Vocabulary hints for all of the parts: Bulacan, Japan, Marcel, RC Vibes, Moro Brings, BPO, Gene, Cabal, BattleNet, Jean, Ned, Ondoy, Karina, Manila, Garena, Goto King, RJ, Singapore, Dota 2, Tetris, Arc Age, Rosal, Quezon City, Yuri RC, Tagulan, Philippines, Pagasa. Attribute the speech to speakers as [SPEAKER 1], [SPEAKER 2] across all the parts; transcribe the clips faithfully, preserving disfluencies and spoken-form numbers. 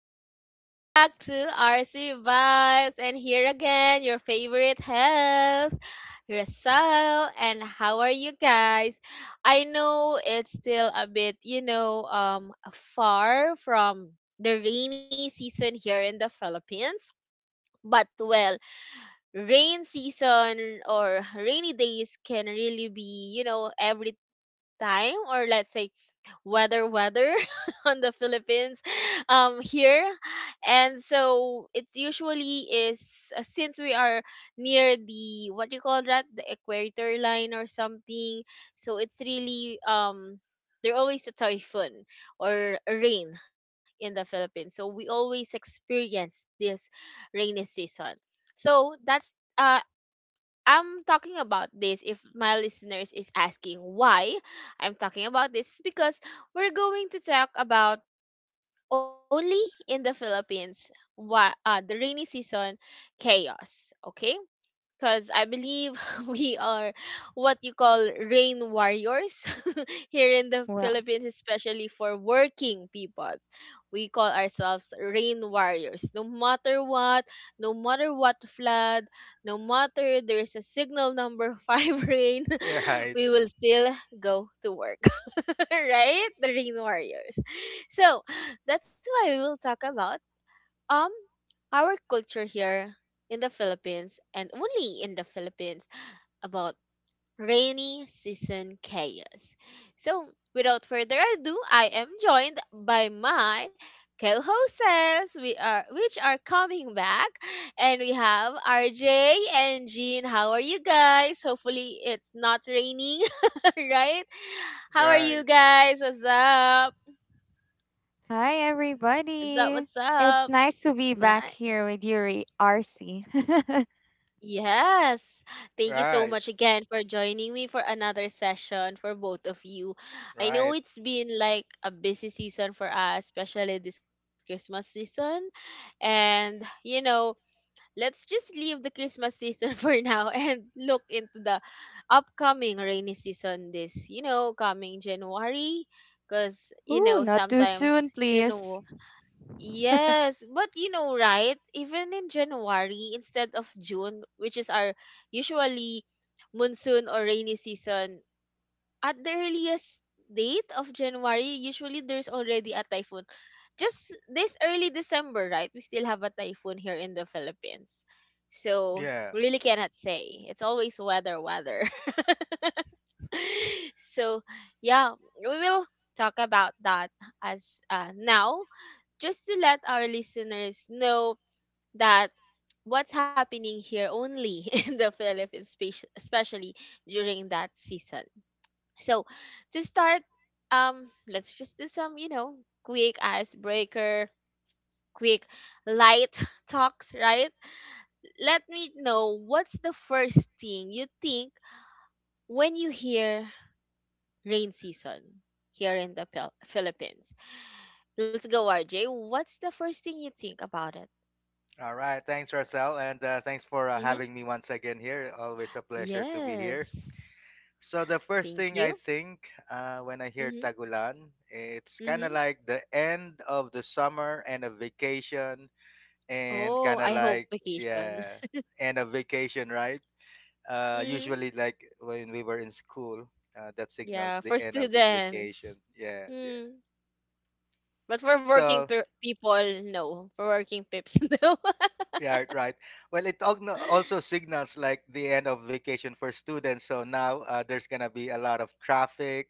[SPEAKER 1] welcome back to R C Vibes. And here again, your favorite host, Rosal. And how are you guys? I know it's still a bit, you know, um, far from the rainy season here in the Philippines. But well, rain season or rainy days can really be, you know, every time or let's say weather weather on the Philippines um here. And so it's usually is uh, since we are near the, what do you call that, the equator line or something. So it's really um there always a typhoon or a rain in the Philippines, so we always experience this rainy season. So that's uh I'm talking about this. If my listeners is asking why I'm talking about this is because we're going to talk about only in the Philippines what, uh, the rainy season chaos, okay? Because I believe we are what you call rain warriors, here in the
[SPEAKER 2] Wow.
[SPEAKER 1] Philippines, especially for working people. We call ourselves rain warriors. No matter what, no matter what flood, no matter there's a signal number five rain,
[SPEAKER 3] Yeah, right,
[SPEAKER 1] we will still go to work, right? The rain warriors. So that's why we will talk about um our culture here in the Philippines, and only in the Philippines, about rainy season chaos. So, without further ado, I am joined by my co-hosts. We are which are coming back, and we have R J and Jean. How are you guys? Hopefully, it's not raining, right? How are you
[SPEAKER 3] right,
[SPEAKER 1] guys? What's up?
[SPEAKER 2] Hi,
[SPEAKER 1] What's up? What's
[SPEAKER 2] everybody.
[SPEAKER 1] up?
[SPEAKER 2] It's nice to be
[SPEAKER 1] Nice.
[SPEAKER 2] back here with Yuri R C.
[SPEAKER 1] Yes. Thank you so
[SPEAKER 3] right,
[SPEAKER 1] much again for joining me for another session for both of you. I know
[SPEAKER 3] right.
[SPEAKER 1] it's been like a busy season for us, especially this Christmas season. And, you know, let's just leave the Christmas season for now and look into the upcoming rainy season this, you know, coming January. Because, you
[SPEAKER 2] Ooh,
[SPEAKER 1] know,
[SPEAKER 2] not too soon,
[SPEAKER 1] sometimes
[SPEAKER 2] please.
[SPEAKER 1] January. Yes, but you know, right? Even in January instead of June, which is our usually monsoon or rainy season, at the earliest date of January, usually there's already a typhoon. Just this early December, right? We still have a typhoon here in the Philippines. So,
[SPEAKER 3] Yeah.
[SPEAKER 1] really cannot say. It's always weather, weather. So, yeah, we will talk about that as, uh, now just to let our listeners know that what's happening here only in the Philippines, spec- especially during that season. So, to start, um, let's just do some, you know, quick icebreaker, quick light talks, right? Let me know what's the first thing you think when you hear rain season here in the Phil- Philippines. Let's go, R J. What's the first thing you think about it?
[SPEAKER 3] All right. Thanks, Marcel, and uh, thanks for uh,
[SPEAKER 1] Mm-hmm.
[SPEAKER 3] having me once again here. Always a pleasure to be here.
[SPEAKER 1] Yes.
[SPEAKER 3] So the first
[SPEAKER 1] Thank
[SPEAKER 3] thing I
[SPEAKER 1] you.
[SPEAKER 3] think uh, when I hear
[SPEAKER 1] Mhm.
[SPEAKER 3] Tagulan, it's kind of
[SPEAKER 1] Mhm.
[SPEAKER 3] like the end of the summer and a vacation, and kind
[SPEAKER 1] Oh,
[SPEAKER 3] of
[SPEAKER 1] I hope
[SPEAKER 3] like
[SPEAKER 1] vacation.
[SPEAKER 3] yeah, and a vacation, right? Uh, usually,
[SPEAKER 1] Mm.
[SPEAKER 3] like when we were in school, uh, that signals
[SPEAKER 1] Yeah,
[SPEAKER 3] the
[SPEAKER 1] for
[SPEAKER 3] end of the vacation.
[SPEAKER 1] students.
[SPEAKER 3] Yeah, yeah.
[SPEAKER 1] Mm. But for working
[SPEAKER 3] So
[SPEAKER 1] per- people, no. For working pips, no.
[SPEAKER 3] yeah, right, right. Well, it ogno- also signals like the end of vacation for students. So now uh, there's gonna be a lot of traffic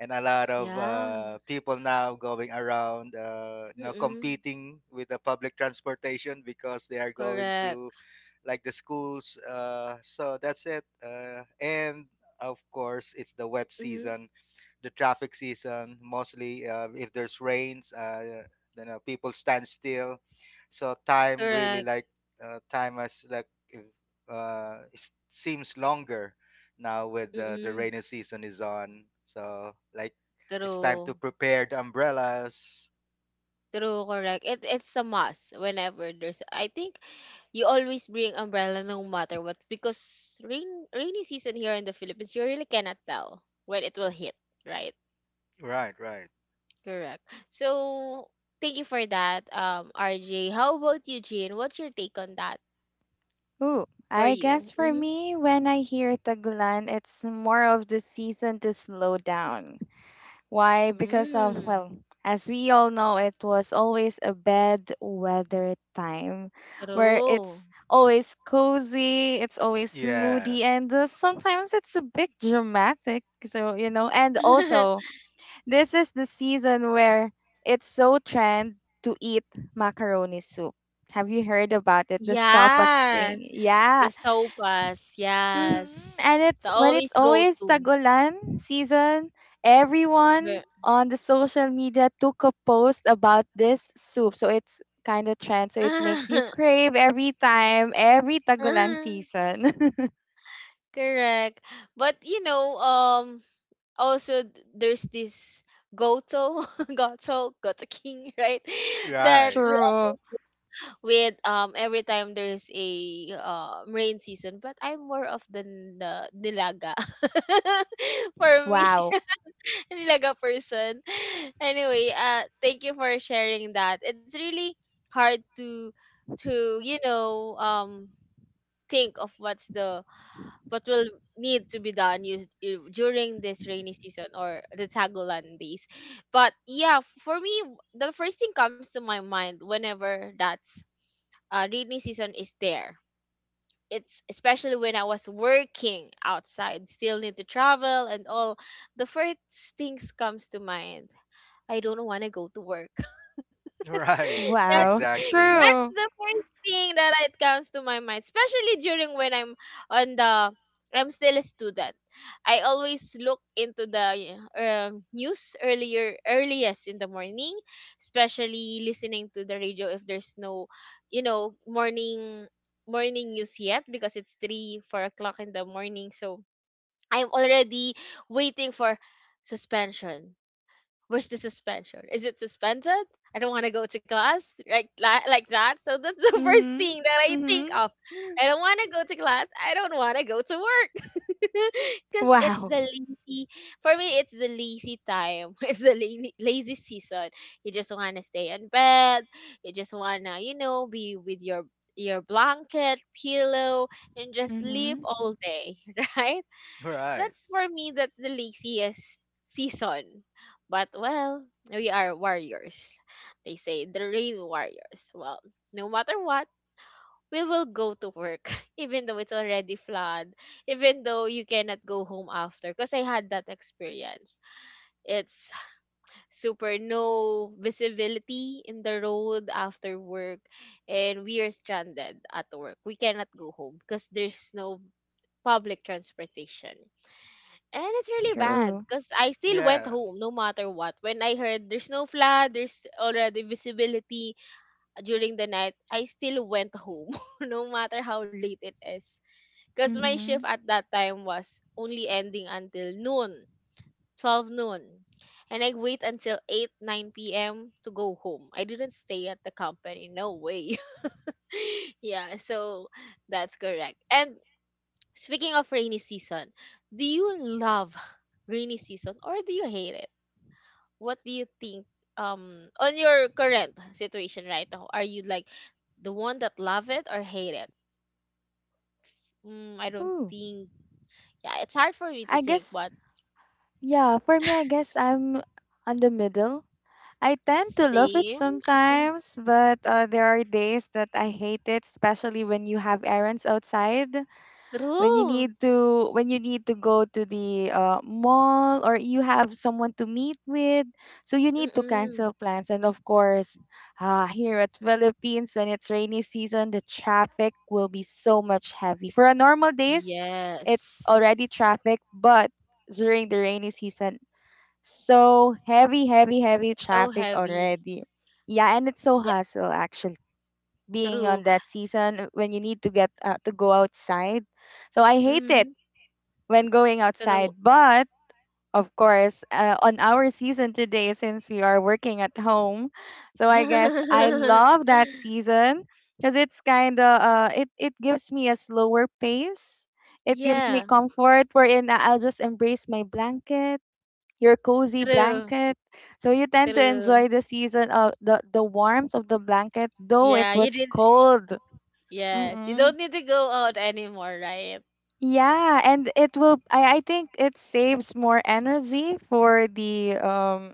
[SPEAKER 3] and a lot of
[SPEAKER 1] Yeah.
[SPEAKER 3] uh, people now going around, uh, you know,
[SPEAKER 1] Mm-mm.
[SPEAKER 3] competing with the public transportation because they are going to
[SPEAKER 1] Correct.
[SPEAKER 3] like the schools. Uh, so that's it. Uh, and of course, it's the wet
[SPEAKER 1] Mm-hmm.
[SPEAKER 3] season, the traffic season mostly uh, if there's rains, uh, then uh, people stand still, so time really
[SPEAKER 1] Correct.
[SPEAKER 3] like uh, time has like uh, it seems longer now with the, the
[SPEAKER 1] Mm-mm.
[SPEAKER 3] rainy season is on, so like it's time to
[SPEAKER 1] True.
[SPEAKER 3] prepare the umbrellas.
[SPEAKER 1] True, correct. It it's a must. Whenever there's, I think, you always bring umbrella no matter what, because rain rainy season here in the Philippines you really cannot tell when it will hit, right?
[SPEAKER 3] Right, right,
[SPEAKER 1] Correct. So thank you for that, um, R J. How about you, Jean? What's your take on that,
[SPEAKER 2] Ooh,
[SPEAKER 1] for
[SPEAKER 2] I guess
[SPEAKER 1] you?
[SPEAKER 2] for
[SPEAKER 1] Mm-hmm.
[SPEAKER 2] me, when I hear Tagulan, it's more of the season to slow down. Why? Because, um,
[SPEAKER 1] Mm,
[SPEAKER 2] well, as we all know, it was always a bad weather time where
[SPEAKER 1] true.
[SPEAKER 2] it's always cozy, it's always
[SPEAKER 3] yeah,
[SPEAKER 2] moody, and uh, sometimes it's a bit dramatic. So, you know, and also, this is the season where it's so trend to eat macaroni soup. Have you heard about it? The sopas
[SPEAKER 1] Yes.
[SPEAKER 2] thing.
[SPEAKER 1] The
[SPEAKER 2] Yeah.
[SPEAKER 1] sopas,
[SPEAKER 2] Hmm.
[SPEAKER 1] yes.
[SPEAKER 2] And
[SPEAKER 1] The
[SPEAKER 2] it's when it's
[SPEAKER 1] always go
[SPEAKER 2] always
[SPEAKER 1] to.
[SPEAKER 2] Tagulan season, everyone on the social media took a post about this soup. So it's kind of trend. So it makes you crave every time, every Tagulan
[SPEAKER 1] Ah,
[SPEAKER 2] season.
[SPEAKER 1] correct. But you know, um, also, th- there's this Goto, Goto, Goto King, right? That
[SPEAKER 3] right.
[SPEAKER 1] we all
[SPEAKER 2] True.
[SPEAKER 1] with um every time there's a, uh, rain season. But I'm more of the, n- the nilaga, for me,
[SPEAKER 2] Wow.
[SPEAKER 1] nilaga person. Anyway, uh, thank you for sharing that. It's really hard to to you know um think of what's the what will need to be done used i- during this rainy season or the Tagulan days. But yeah, f- for me, w- the first thing comes to my mind whenever that's, uh, rainy season is there. It's especially when I was working outside, still need to travel and all. The first things comes to mind. I don't want to go to work.
[SPEAKER 3] Right,
[SPEAKER 1] That
[SPEAKER 2] Wow.
[SPEAKER 3] exactly,
[SPEAKER 1] that's
[SPEAKER 2] True.
[SPEAKER 1] the first thing that it comes to my mind, especially during when I'm on the I'm still a student. I always look into the, um, news earlier, earliest in the morning, especially listening to the radio if there's no, you know, morning morning news yet, because it's three four o'clock in the morning. So I'm already waiting for suspension. Where's the suspension? Is it suspended? I don't want to go to class, like that, like that. So that's the first
[SPEAKER 2] Mm-hmm.
[SPEAKER 1] thing that I think
[SPEAKER 2] Mm-hmm.
[SPEAKER 1] of. I don't want to go to class. I don't want to go to work, because it's the
[SPEAKER 2] Wow.
[SPEAKER 1] lazy. For me, it's the lazy time. It's the lazy, lazy season. You just want to stay in bed. You just want to, you know, be with your your blanket, pillow, and just sleep
[SPEAKER 2] Mm-hmm.
[SPEAKER 1] all day, right?
[SPEAKER 3] right,
[SPEAKER 1] That's for me. That's the laziest season. But well, we are warriors. They say the rain warriors. Well, no matter what, we will go to work, even though it's already flood, even though you cannot go home after, because I had that experience. It's super no visibility in the road after work, and we are stranded at work. We cannot go home because there's no public transportation. And it's really bad,
[SPEAKER 2] True.
[SPEAKER 1] because I still went
[SPEAKER 3] yeah,
[SPEAKER 1] home no matter what. When I heard there's no flood, there's already visibility during the night, I still went home, no matter how late it is. Because my
[SPEAKER 2] Mm-hmm.
[SPEAKER 1] shift at that time was only ending until noon, twelve noon. And I wait until eight, nine p m to go home. I didn't stay at the company, no way. Yeah, so that's correct. And speaking of rainy season, do you love rainy season or do you hate it? What do you think, um on your current situation right now? Are you like the one that love it or hate it? Mm, I don't
[SPEAKER 2] Ooh.
[SPEAKER 1] think. Yeah, it's hard for me to
[SPEAKER 2] I
[SPEAKER 1] think,
[SPEAKER 2] guess,
[SPEAKER 1] but
[SPEAKER 2] yeah, for me, I guess I'm on the middle. I tend to love it
[SPEAKER 1] same.
[SPEAKER 2] sometimes, but uh, there are days that I hate it, especially when you have errands outside. when you
[SPEAKER 1] True.
[SPEAKER 2] need to when you need to go to the uh, mall, or you have someone to meet with, so you need to
[SPEAKER 1] Mm-mm.
[SPEAKER 2] cancel plans. And of course, uh, here at Philippines, when it's rainy season, the traffic will be so much heavy for a normal days. It's
[SPEAKER 1] Yes.
[SPEAKER 2] already traffic, but during the rainy season, so heavy heavy heavy
[SPEAKER 1] So
[SPEAKER 2] traffic
[SPEAKER 1] heavy.
[SPEAKER 2] already. Yeah, and it's so
[SPEAKER 1] Yeah,
[SPEAKER 2] hassle actually being
[SPEAKER 1] true.
[SPEAKER 2] on that season when you need to get uh, to go outside, so I hate it
[SPEAKER 1] Mm-hmm.
[SPEAKER 2] when going
[SPEAKER 1] True.
[SPEAKER 2] outside. But of course, uh, on our season today, since we are working at home, so I guess I love that season because it's kind of uh, it it gives me a slower pace. It gives me
[SPEAKER 1] Yeah,
[SPEAKER 2] comfort wherein I- I'll just embrace my blanket, your cozy
[SPEAKER 1] true.
[SPEAKER 2] blanket. So you tend to
[SPEAKER 1] True.
[SPEAKER 2] enjoy the season of the the warmth of the blanket, though it
[SPEAKER 1] Yeah, you
[SPEAKER 2] was
[SPEAKER 1] did.
[SPEAKER 2] cold.
[SPEAKER 1] Yes, you don't
[SPEAKER 2] Mhm.
[SPEAKER 1] need to go out anymore, right?
[SPEAKER 2] Yeah, and it will I, I think it saves more energy for the um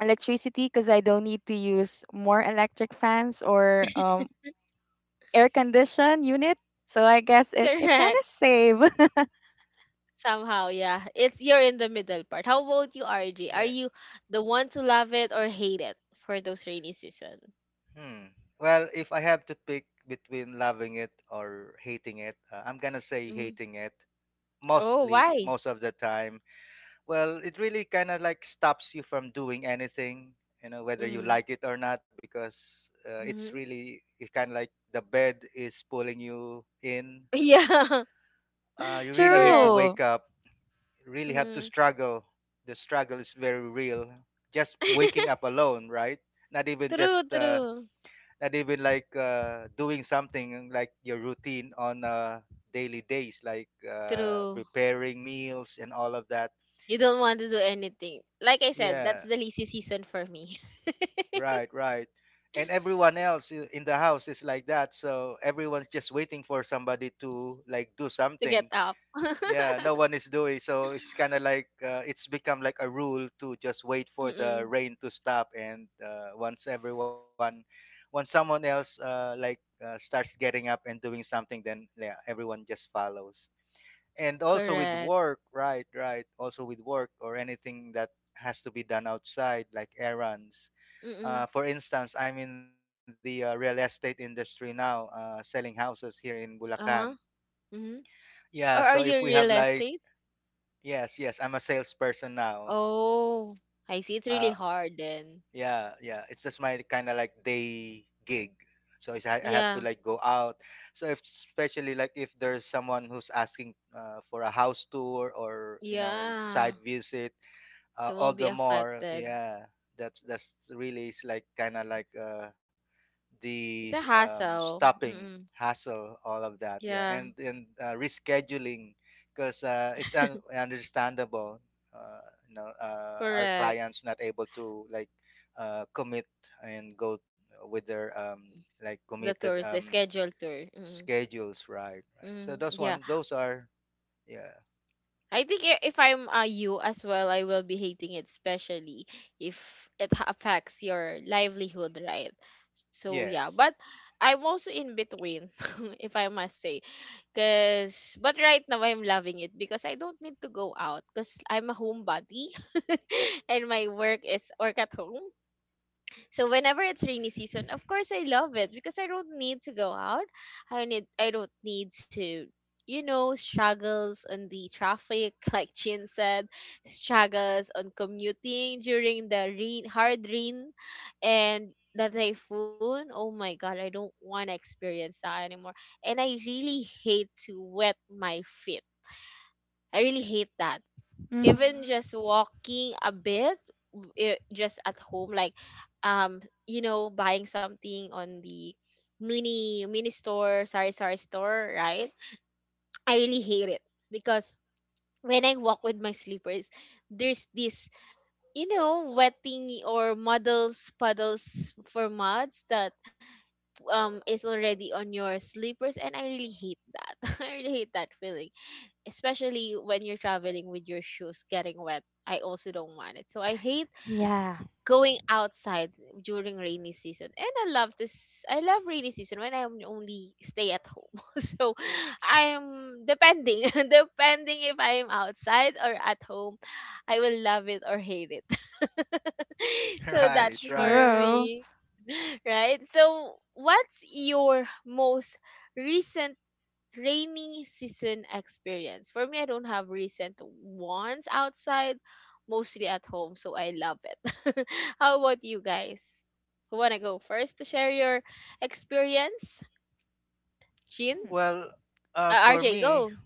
[SPEAKER 2] electricity because I don't need to use more electric fans or um air condition unit. So I guess it it
[SPEAKER 1] Correct.
[SPEAKER 2] kind of save.
[SPEAKER 1] Somehow, yeah. It's you're in the middle part. How about you, R J? Are
[SPEAKER 3] yeah.
[SPEAKER 1] you the one to love it or hate it for those rainy season?
[SPEAKER 3] Hmm. Well, if I have to pick between loving it or hating it, uh, I'm gonna say
[SPEAKER 1] Hmm.
[SPEAKER 3] hating it
[SPEAKER 1] Oh,
[SPEAKER 3] mostly,
[SPEAKER 1] why?
[SPEAKER 3] most of the time. Well, it really kind of like stops you from doing anything, you know, whether you
[SPEAKER 1] Mm-hmm.
[SPEAKER 3] like it or not, because uh, it's
[SPEAKER 1] Mm-hmm.
[SPEAKER 3] really, it kind of like the bed is pulling you in.
[SPEAKER 1] Yeah,
[SPEAKER 3] Uh, you really hate to
[SPEAKER 1] correct.
[SPEAKER 3] wake
[SPEAKER 2] True.
[SPEAKER 3] up. You really have to
[SPEAKER 1] Mm-hmm.
[SPEAKER 3] struggle. The struggle is very real. Just waking up alone, right? Not even just
[SPEAKER 1] True,
[SPEAKER 3] uh,
[SPEAKER 1] true,
[SPEAKER 3] not even like uh, doing something like your routine on uh, daily days, like uh,
[SPEAKER 1] true.
[SPEAKER 3] preparing meals and all of that.
[SPEAKER 1] You don't want to do anything. Like I said, that's
[SPEAKER 3] Yeah,
[SPEAKER 1] the lazy season for me.
[SPEAKER 3] right, right. And everyone else i- in the house is like that, so everyone's just waiting for somebody to like do
[SPEAKER 1] To get
[SPEAKER 3] something.
[SPEAKER 1] up.
[SPEAKER 3] Yeah, no one is doing, so it's kind of like uh, it's become like a rule to just wait for the
[SPEAKER 1] Mm-mm.
[SPEAKER 3] rain to stop, and uh, once everyone once someone else uh, like uh, starts getting up and doing something, then yeah, everyone just follows. And also with
[SPEAKER 1] Correct.
[SPEAKER 3] work, right, right. Also with work or anything that has to be done outside like errands.
[SPEAKER 1] Mm-mm.
[SPEAKER 3] Uh, for instance, I'm in the uh, real estate industry now, uh, selling houses here in Bulacan.
[SPEAKER 1] Uh-huh. Mm-hmm.
[SPEAKER 3] Yeah, so
[SPEAKER 1] Or
[SPEAKER 3] if
[SPEAKER 1] are
[SPEAKER 3] we
[SPEAKER 1] you
[SPEAKER 3] have
[SPEAKER 1] real
[SPEAKER 3] like,
[SPEAKER 1] estate?
[SPEAKER 3] yes, yes. I'm a salesperson now.
[SPEAKER 1] Oh, I see. It's really
[SPEAKER 3] Uh,
[SPEAKER 1] hard then.
[SPEAKER 3] yeah, yeah. It's just my kind of like day gig. So it's, I I have to
[SPEAKER 1] Yeah,
[SPEAKER 3] like go out. So if, especially like if there's someone who's asking uh, for a house tour or you know
[SPEAKER 1] yeah.
[SPEAKER 3] side visit, uh,
[SPEAKER 1] It will
[SPEAKER 3] all
[SPEAKER 1] be
[SPEAKER 3] the more.
[SPEAKER 1] affected.
[SPEAKER 3] Yeah, that's that's really is like kind of like uh, the
[SPEAKER 1] It's a
[SPEAKER 3] um,
[SPEAKER 1] hassle.
[SPEAKER 3] stopping
[SPEAKER 1] Mm-mm.
[SPEAKER 3] hassle, all of that. Yeah,
[SPEAKER 1] Yeah,
[SPEAKER 3] and and uh, rescheduling because uh, it's un- understandable. Uh, you know, uh, our
[SPEAKER 1] correct.
[SPEAKER 3] clients not able to like uh, commit and go with their um, like
[SPEAKER 1] The
[SPEAKER 3] committed
[SPEAKER 1] tours, the
[SPEAKER 3] um,
[SPEAKER 1] scheduled tour. Mm-mm.
[SPEAKER 3] schedules, right? Right. So
[SPEAKER 1] Mm-mm.
[SPEAKER 3] those
[SPEAKER 1] Yeah.
[SPEAKER 3] one, those are yeah,
[SPEAKER 1] I think, i- if I'm, uh, you as well, I will be hating it, especially if it ha- affects your livelihood, right? So yeah,
[SPEAKER 3] yes.
[SPEAKER 1] but I'm also in between, if I must say, cause but right now I'm loving it, because I don't need to go out, cause I'm a homebody. And my work is work at home. So whenever it's rainy season, of course I love it because I don't need to go out. I need I don't need to, you know, struggles on the traffic, like Chin said, struggles on commuting during the rain, hard rain, and the typhoon. Oh my god, I don't want to experience that anymore. And I really hate to wet my feet. I really hate that,
[SPEAKER 2] Mhm.
[SPEAKER 1] even just walking a bit, w- eh, just at home like, um you know buying something on the mini mini store, sorry, sorry store, right? I really hate it because when I walk with my slippers there's this, you know, wetting or muddles, puddles, for muds that, um is already on your slippers. And I really hate that. I really hate that feeling, especially when you're traveling with your shoes getting wet. I also don't want it. So I hate
[SPEAKER 2] Yeah,
[SPEAKER 1] going outside during rainy season. And I love this I love rainy season when I only stay at home. So I'm depending, depending if I'm outside or at home, I will love it or hate it. So that's
[SPEAKER 3] Right,
[SPEAKER 1] for
[SPEAKER 3] right.
[SPEAKER 2] true.
[SPEAKER 1] me. Right? So what's your most recent rainy season experience? For me, I don't have recent ones outside, mostly at home, so I love it. How about you guys? Who wanna go first to share your experience? Jean?
[SPEAKER 2] Mm.
[SPEAKER 3] Well, uh,
[SPEAKER 1] Uh,
[SPEAKER 3] for
[SPEAKER 1] R J,
[SPEAKER 3] me.
[SPEAKER 1] go.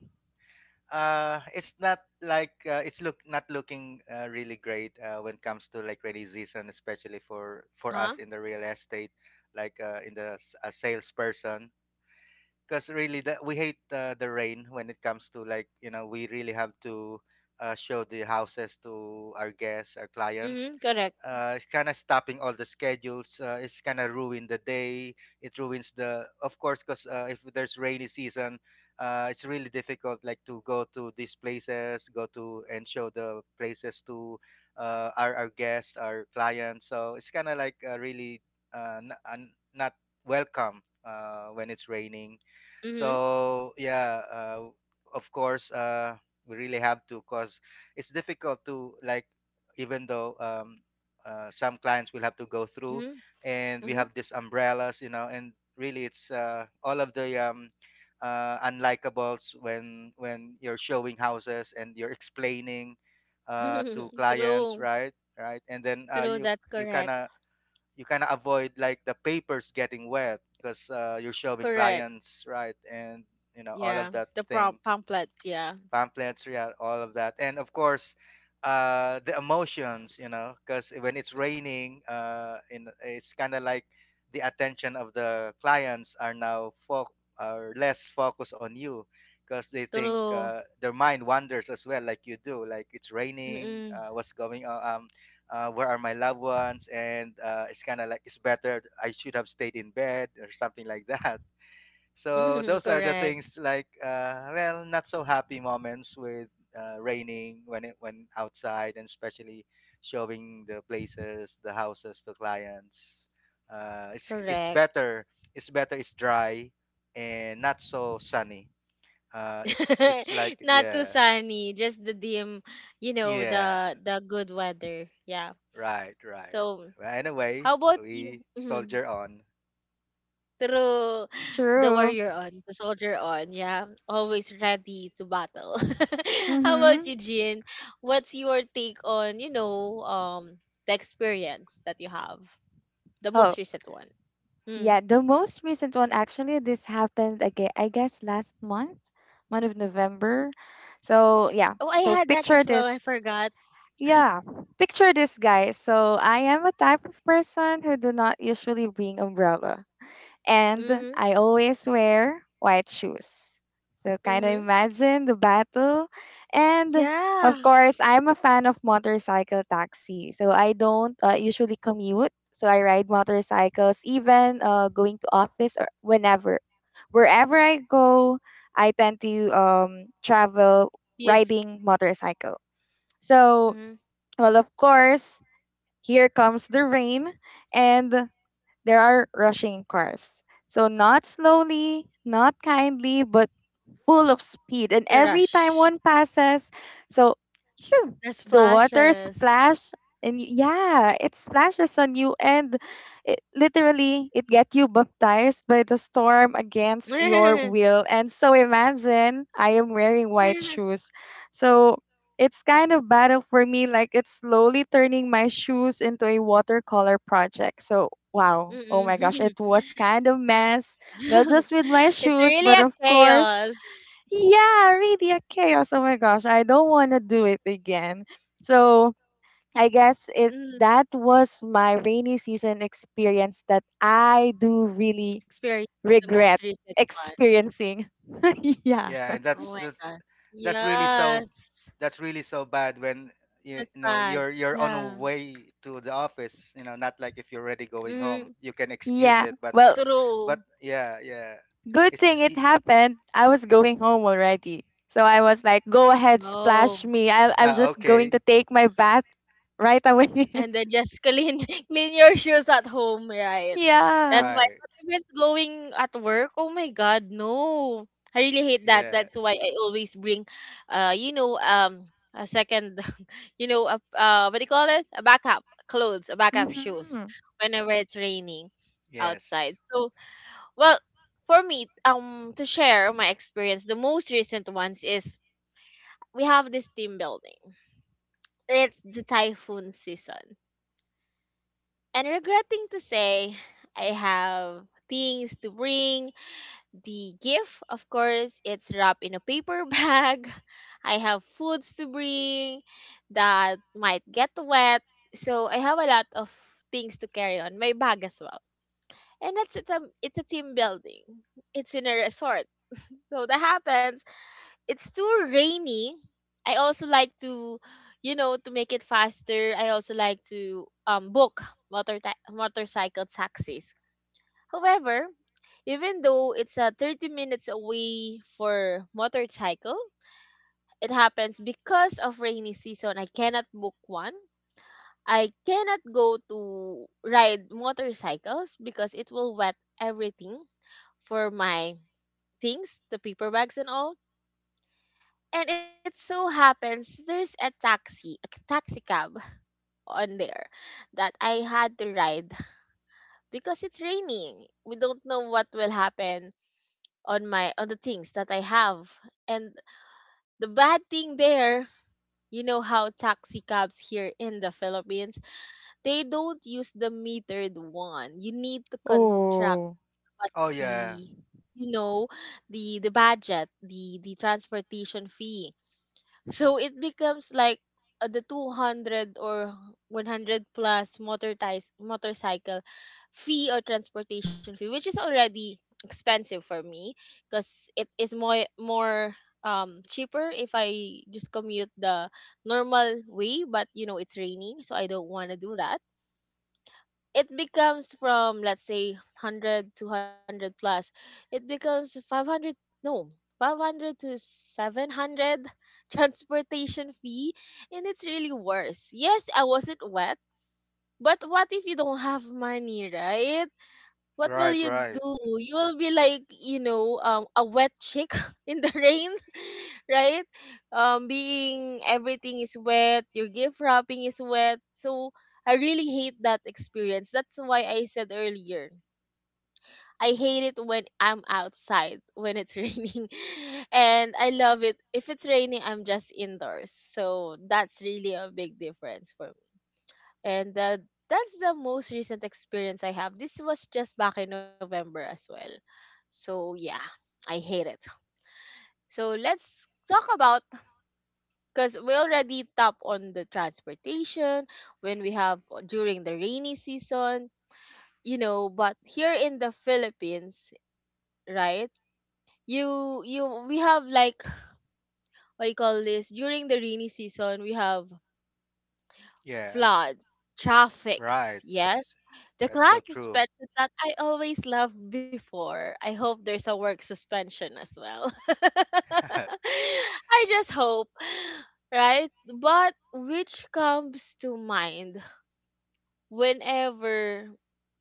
[SPEAKER 3] Uh, it's not like uh, it's look not looking uh, really great uh, when it comes to like rainy season, especially for for
[SPEAKER 1] Huh?
[SPEAKER 3] us in the real estate, like uh, in the s- a salesperson. Because really, the, we hate uh, the rain when it comes to like, you know, we really have to uh, show the houses to our guests, our clients.
[SPEAKER 1] Mm-hmm, correct.
[SPEAKER 3] Uh, it's kind of stopping all the schedules. Uh, it's kind of ruin the day. It ruins the, of course, because uh, if there's rainy season, uh, it's really difficult, like to go to these places, go to and show the places to uh, our our guests, our clients. So it's kind of like uh, really uh, n- un- not welcome uh, when it's raining.
[SPEAKER 1] Mm-hmm,
[SPEAKER 3] So yeah, uh, of course, uh, we really have to, cause it's difficult to like, even though um, uh, some clients will have to go through,
[SPEAKER 1] mm-hmm,
[SPEAKER 3] and we
[SPEAKER 1] mm-hmm.
[SPEAKER 3] have these umbrellas, you know, and really it's uh, all of the um, uh, unlikables when when you're showing houses and you're explaining uh, to clients,
[SPEAKER 1] True.
[SPEAKER 3] right, right, and then uh,
[SPEAKER 1] True,
[SPEAKER 3] you,
[SPEAKER 1] that's
[SPEAKER 3] you kind
[SPEAKER 1] correct.
[SPEAKER 3] of, you kind of avoid like the papers getting wet because uh, you're showing
[SPEAKER 1] Correct.
[SPEAKER 3] clients, right, and you know all
[SPEAKER 1] Yeah.
[SPEAKER 3] of that
[SPEAKER 1] The prom
[SPEAKER 3] thing.
[SPEAKER 1] pamphlets, yeah.
[SPEAKER 3] Pamphlets, yeah, all of that. And of course, uh, the emotions, you know, because when it's raining, uh, in it's kind of like the attention of the clients are now fo- are less focused on you because they think
[SPEAKER 1] True.
[SPEAKER 3] uh, their mind wanders as well, like you do, like it's raining,
[SPEAKER 1] Mm-mm.
[SPEAKER 3] uh, what's going on. Um, uh, where are my loved ones, and uh, it's kind of like it's better I should have stayed in bed or something like that. So those are the
[SPEAKER 1] Correct.
[SPEAKER 3] things like uh, well, not so happy moments with uh, raining when it when outside, and especially showing the places, the houses to clients. Uh, it's it's
[SPEAKER 1] Correct.
[SPEAKER 3] better. It's better. It's dry and not so sunny. Uh, it's it's like
[SPEAKER 1] Not too
[SPEAKER 3] yeah,
[SPEAKER 1] sunny, just the dim, you know,
[SPEAKER 3] yeah,
[SPEAKER 1] the the good weather. Yeah.
[SPEAKER 3] right, right.
[SPEAKER 1] So,
[SPEAKER 3] Well,
[SPEAKER 1] how
[SPEAKER 3] anyway,
[SPEAKER 1] about you?
[SPEAKER 3] we
[SPEAKER 1] Mhm.
[SPEAKER 3] soldier on.
[SPEAKER 1] Through the
[SPEAKER 2] True.
[SPEAKER 1] warrior on, the soldier on, yeah, always ready to battle. How about
[SPEAKER 2] Mhm.
[SPEAKER 1] you, Jean? What's your take on, you know, um, the experience that you have, the
[SPEAKER 2] Oh.
[SPEAKER 1] most recent one? Mm.
[SPEAKER 2] Yeah, the most recent one actually this happened again I guess last month, month of November. So yeah.
[SPEAKER 1] Oh, I
[SPEAKER 2] So
[SPEAKER 1] had that
[SPEAKER 2] picture
[SPEAKER 1] as well. I
[SPEAKER 2] this.
[SPEAKER 1] forgot.
[SPEAKER 2] Yeah. Picture this, guys. So I am a type of person who do not usually bring umbrella, and
[SPEAKER 1] Mm-hmm.
[SPEAKER 2] I always wear white shoes. So kind of
[SPEAKER 1] Mm-hmm.
[SPEAKER 2] imagine the battle. And of
[SPEAKER 1] Yeah.
[SPEAKER 2] course, I'm a fan of motorcycle taxi. So I don't uh, usually commute. So I ride motorcycles even uh, going to office or whenever. Wherever I go, I tend to um, travel
[SPEAKER 1] Yes.
[SPEAKER 2] riding motorcycle. So,
[SPEAKER 1] Mm-hmm.
[SPEAKER 2] well, of course, here comes the rain. And there are rushing cars. So not slowly, not kindly, but full of speed. And
[SPEAKER 1] The
[SPEAKER 2] every time
[SPEAKER 1] rush.
[SPEAKER 2] one passes, so shoo,
[SPEAKER 1] There's
[SPEAKER 2] the water
[SPEAKER 1] flashes.
[SPEAKER 2] splash. And y- yeah, it splashes on you and it literally it get you baptized by the storm against your will. And so imagine I am wearing white shoes. So it's kind of battle for me, like it's slowly turning my shoes into a watercolor project. So wow. Oh my gosh, it
[SPEAKER 1] Mm-mm.
[SPEAKER 2] was kind of mess, not just with my
[SPEAKER 1] It's
[SPEAKER 2] shoes,
[SPEAKER 1] really
[SPEAKER 2] but
[SPEAKER 1] a
[SPEAKER 2] of course,
[SPEAKER 1] chaos.
[SPEAKER 2] yeah, really a chaos. Oh my gosh, I don't want to do it again. So, I guess it
[SPEAKER 1] Mm.
[SPEAKER 2] that was my rainy season experience that I do really
[SPEAKER 1] Experience, the
[SPEAKER 2] regret
[SPEAKER 1] most recent one.
[SPEAKER 2] experiencing. Yeah.
[SPEAKER 3] Yeah, and
[SPEAKER 1] Oh
[SPEAKER 3] that's
[SPEAKER 1] my
[SPEAKER 3] that's
[SPEAKER 1] God.
[SPEAKER 3] that's really so
[SPEAKER 1] Yes.
[SPEAKER 3] that's really so bad when you,
[SPEAKER 1] That's
[SPEAKER 3] you know,
[SPEAKER 1] bad.
[SPEAKER 3] you're you're on a
[SPEAKER 1] Yeah.
[SPEAKER 3] way to the office, you know, not like if you're already going home
[SPEAKER 1] Mm,
[SPEAKER 3] you can excuse
[SPEAKER 2] Yeah.
[SPEAKER 3] it, but
[SPEAKER 2] Well,
[SPEAKER 1] true.
[SPEAKER 3] but yeah, yeah,
[SPEAKER 2] good thing
[SPEAKER 3] it's
[SPEAKER 2] it
[SPEAKER 3] i-
[SPEAKER 2] happened. I was going home already. So I was like, go ahead,
[SPEAKER 1] Oh.
[SPEAKER 2] splash me. I, I'm
[SPEAKER 3] yeah,
[SPEAKER 2] just going
[SPEAKER 3] okay,
[SPEAKER 2] to take my bath right away.
[SPEAKER 1] And then just clean clean your shoes at home, right?
[SPEAKER 2] Yeah.
[SPEAKER 1] That's why,
[SPEAKER 3] right,
[SPEAKER 1] but if it's blowing at work, oh my god, no. I really hate that.
[SPEAKER 3] yeah,
[SPEAKER 1] That's why I always bring uh you know um a second you know a, uh what do you call it? A backup clothes, a backup shoes
[SPEAKER 2] Hmm.
[SPEAKER 1] whenever it's raining
[SPEAKER 3] yes,
[SPEAKER 1] outside. So, well, for me, um to share my experience, the most recent ones is we have this team building. It's the typhoon season. And regretting to say, I have things to bring. The gift, of course, it's wrapped in a paper bag. I have foods to bring that might get wet. So I have a lot of things to carry on my bag as well. And that's it's a, it's a team building. It's in a resort. So that happens, it's too rainy. I also like to, you know, to make it faster. I also like to um book motor ta- motorcycle taxis. However, even though it's uh, thirty minutes away for motorcycle, it happens because of rainy season. I cannot book one. I cannot go to ride motorcycles because it will wet everything for my things, the paper bags and all. And it so happens there's a taxi, a c- taxi cab on there that I had to ride because it's raining. We don't know what will happen on my on the things that I have. And the bad thing there, you know how taxi cabs here in the Philippines, they don't use the metered one. You need to contract
[SPEAKER 2] Oh.
[SPEAKER 1] what's
[SPEAKER 3] oh
[SPEAKER 1] the
[SPEAKER 3] yeah,
[SPEAKER 1] you know the the budget, the the transportation fee. So it becomes like, uh, the two hundred or one hundred plus motorized motorcycle fee or transportation fee, which is already expensive for me, because it is more more um cheaper if I just commute the normal way, but you know it's raining, so I don't want to do that. It becomes from, let's say, one hundred to one hundred plus. It becomes five hundred, no, five hundred to seven hundred transportation fee, and it's really worse. Yes, I wasn't wet, but what if you don't have money, right? What will
[SPEAKER 3] right,
[SPEAKER 1] you
[SPEAKER 3] right,
[SPEAKER 1] do? You will be like, you know um, a wet chick in the rain, right? Um, being everything is wet, your gift wrapping is wet. So I really hate that experience. That's why I said earlier, I hate it when I'm outside when it's raining, and I love it if it's raining. I'm just indoors, so that's really a big difference for me. And uh, that's the most recent experience I have. This was just back in November as well. So yeah, I hate it. So let's talk about, because we already tap on the transportation when we have, uh, during the rainy season, you know, but here in the Philippines, right? You you we have like, what you call this, during the rainy season, we have
[SPEAKER 3] yeah,
[SPEAKER 1] floods,
[SPEAKER 3] right,
[SPEAKER 1] traffics, yes, the
[SPEAKER 3] that's so
[SPEAKER 1] class
[SPEAKER 3] true.
[SPEAKER 1] suspension that I always loved before. I hope there's a work suspension as well. I just hope, right? But which comes to mind whenever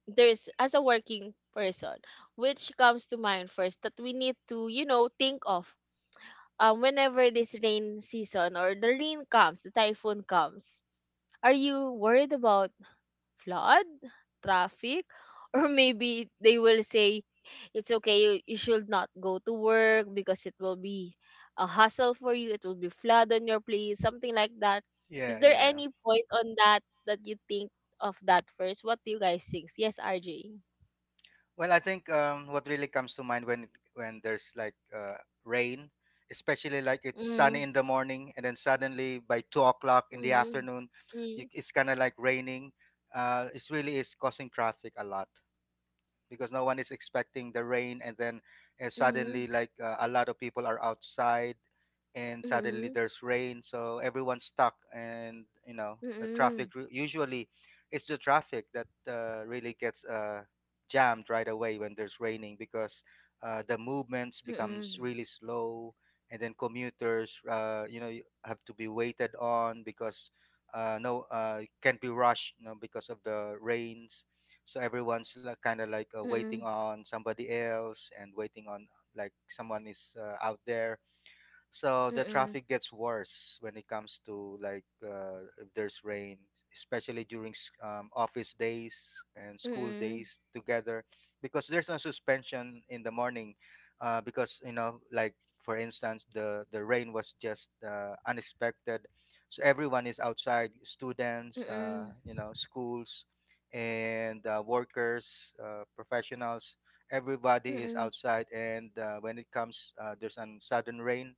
[SPEAKER 1] there's, as a working person, which comes to mind first that we need to you know think of, um whenever this rain season or the rain comes, the typhoon comes, are you worried about flood, traffic, or maybe they will say it's okay, you, you should not go to work because it will be a hassle for you, it will be flood on your place, something like that.
[SPEAKER 3] Yeah,
[SPEAKER 1] Is there
[SPEAKER 3] yeah.
[SPEAKER 1] any point on that, that you think of that first? What do you guys think? Yes, R J.
[SPEAKER 3] Well, I think um, what really comes to mind when when there's like uh, rain, especially like it's
[SPEAKER 1] Mm.
[SPEAKER 3] sunny in the morning, and then suddenly by two o'clock in the
[SPEAKER 1] Mm.
[SPEAKER 3] afternoon,
[SPEAKER 1] Mm.
[SPEAKER 3] you, it's kind of like raining. Uh, it really is causing traffic a lot because no one is expecting the rain, and then uh,
[SPEAKER 1] Mm.
[SPEAKER 3] suddenly like uh, a lot of people are outside and suddenly
[SPEAKER 1] Mm.
[SPEAKER 3] there's rain, so everyone's stuck, and you know the traffic ru- usually it's the traffic that uh, really gets uh, jammed right away when there's raining because uh, the movements
[SPEAKER 1] Mm.
[SPEAKER 3] becomes
[SPEAKER 1] Mm.
[SPEAKER 3] really slow, and then commuters, uh, you know, you have to be waited on because uh, no uh, can't be rushed, you know, because of the rains, so everyone's like kind of like uh, waiting
[SPEAKER 1] Mm.
[SPEAKER 3] on somebody else and waiting on like someone is uh, out there, so the traffic gets worse when it comes to like uh, if there's rain, especially during s- um, office days and
[SPEAKER 1] Mm.
[SPEAKER 3] school
[SPEAKER 1] Mm.
[SPEAKER 3] days together, because there's no suspension in the morning, uh, because you know like, for instance, the the rain was just uh, unexpected, so everyone is outside, students, uh,
[SPEAKER 1] Mm.
[SPEAKER 3] you know, schools, and uh, workers, uh, professionals. Everybody is
[SPEAKER 1] Mm.
[SPEAKER 3] outside, and uh, when it comes, uh, there's a sudden rain,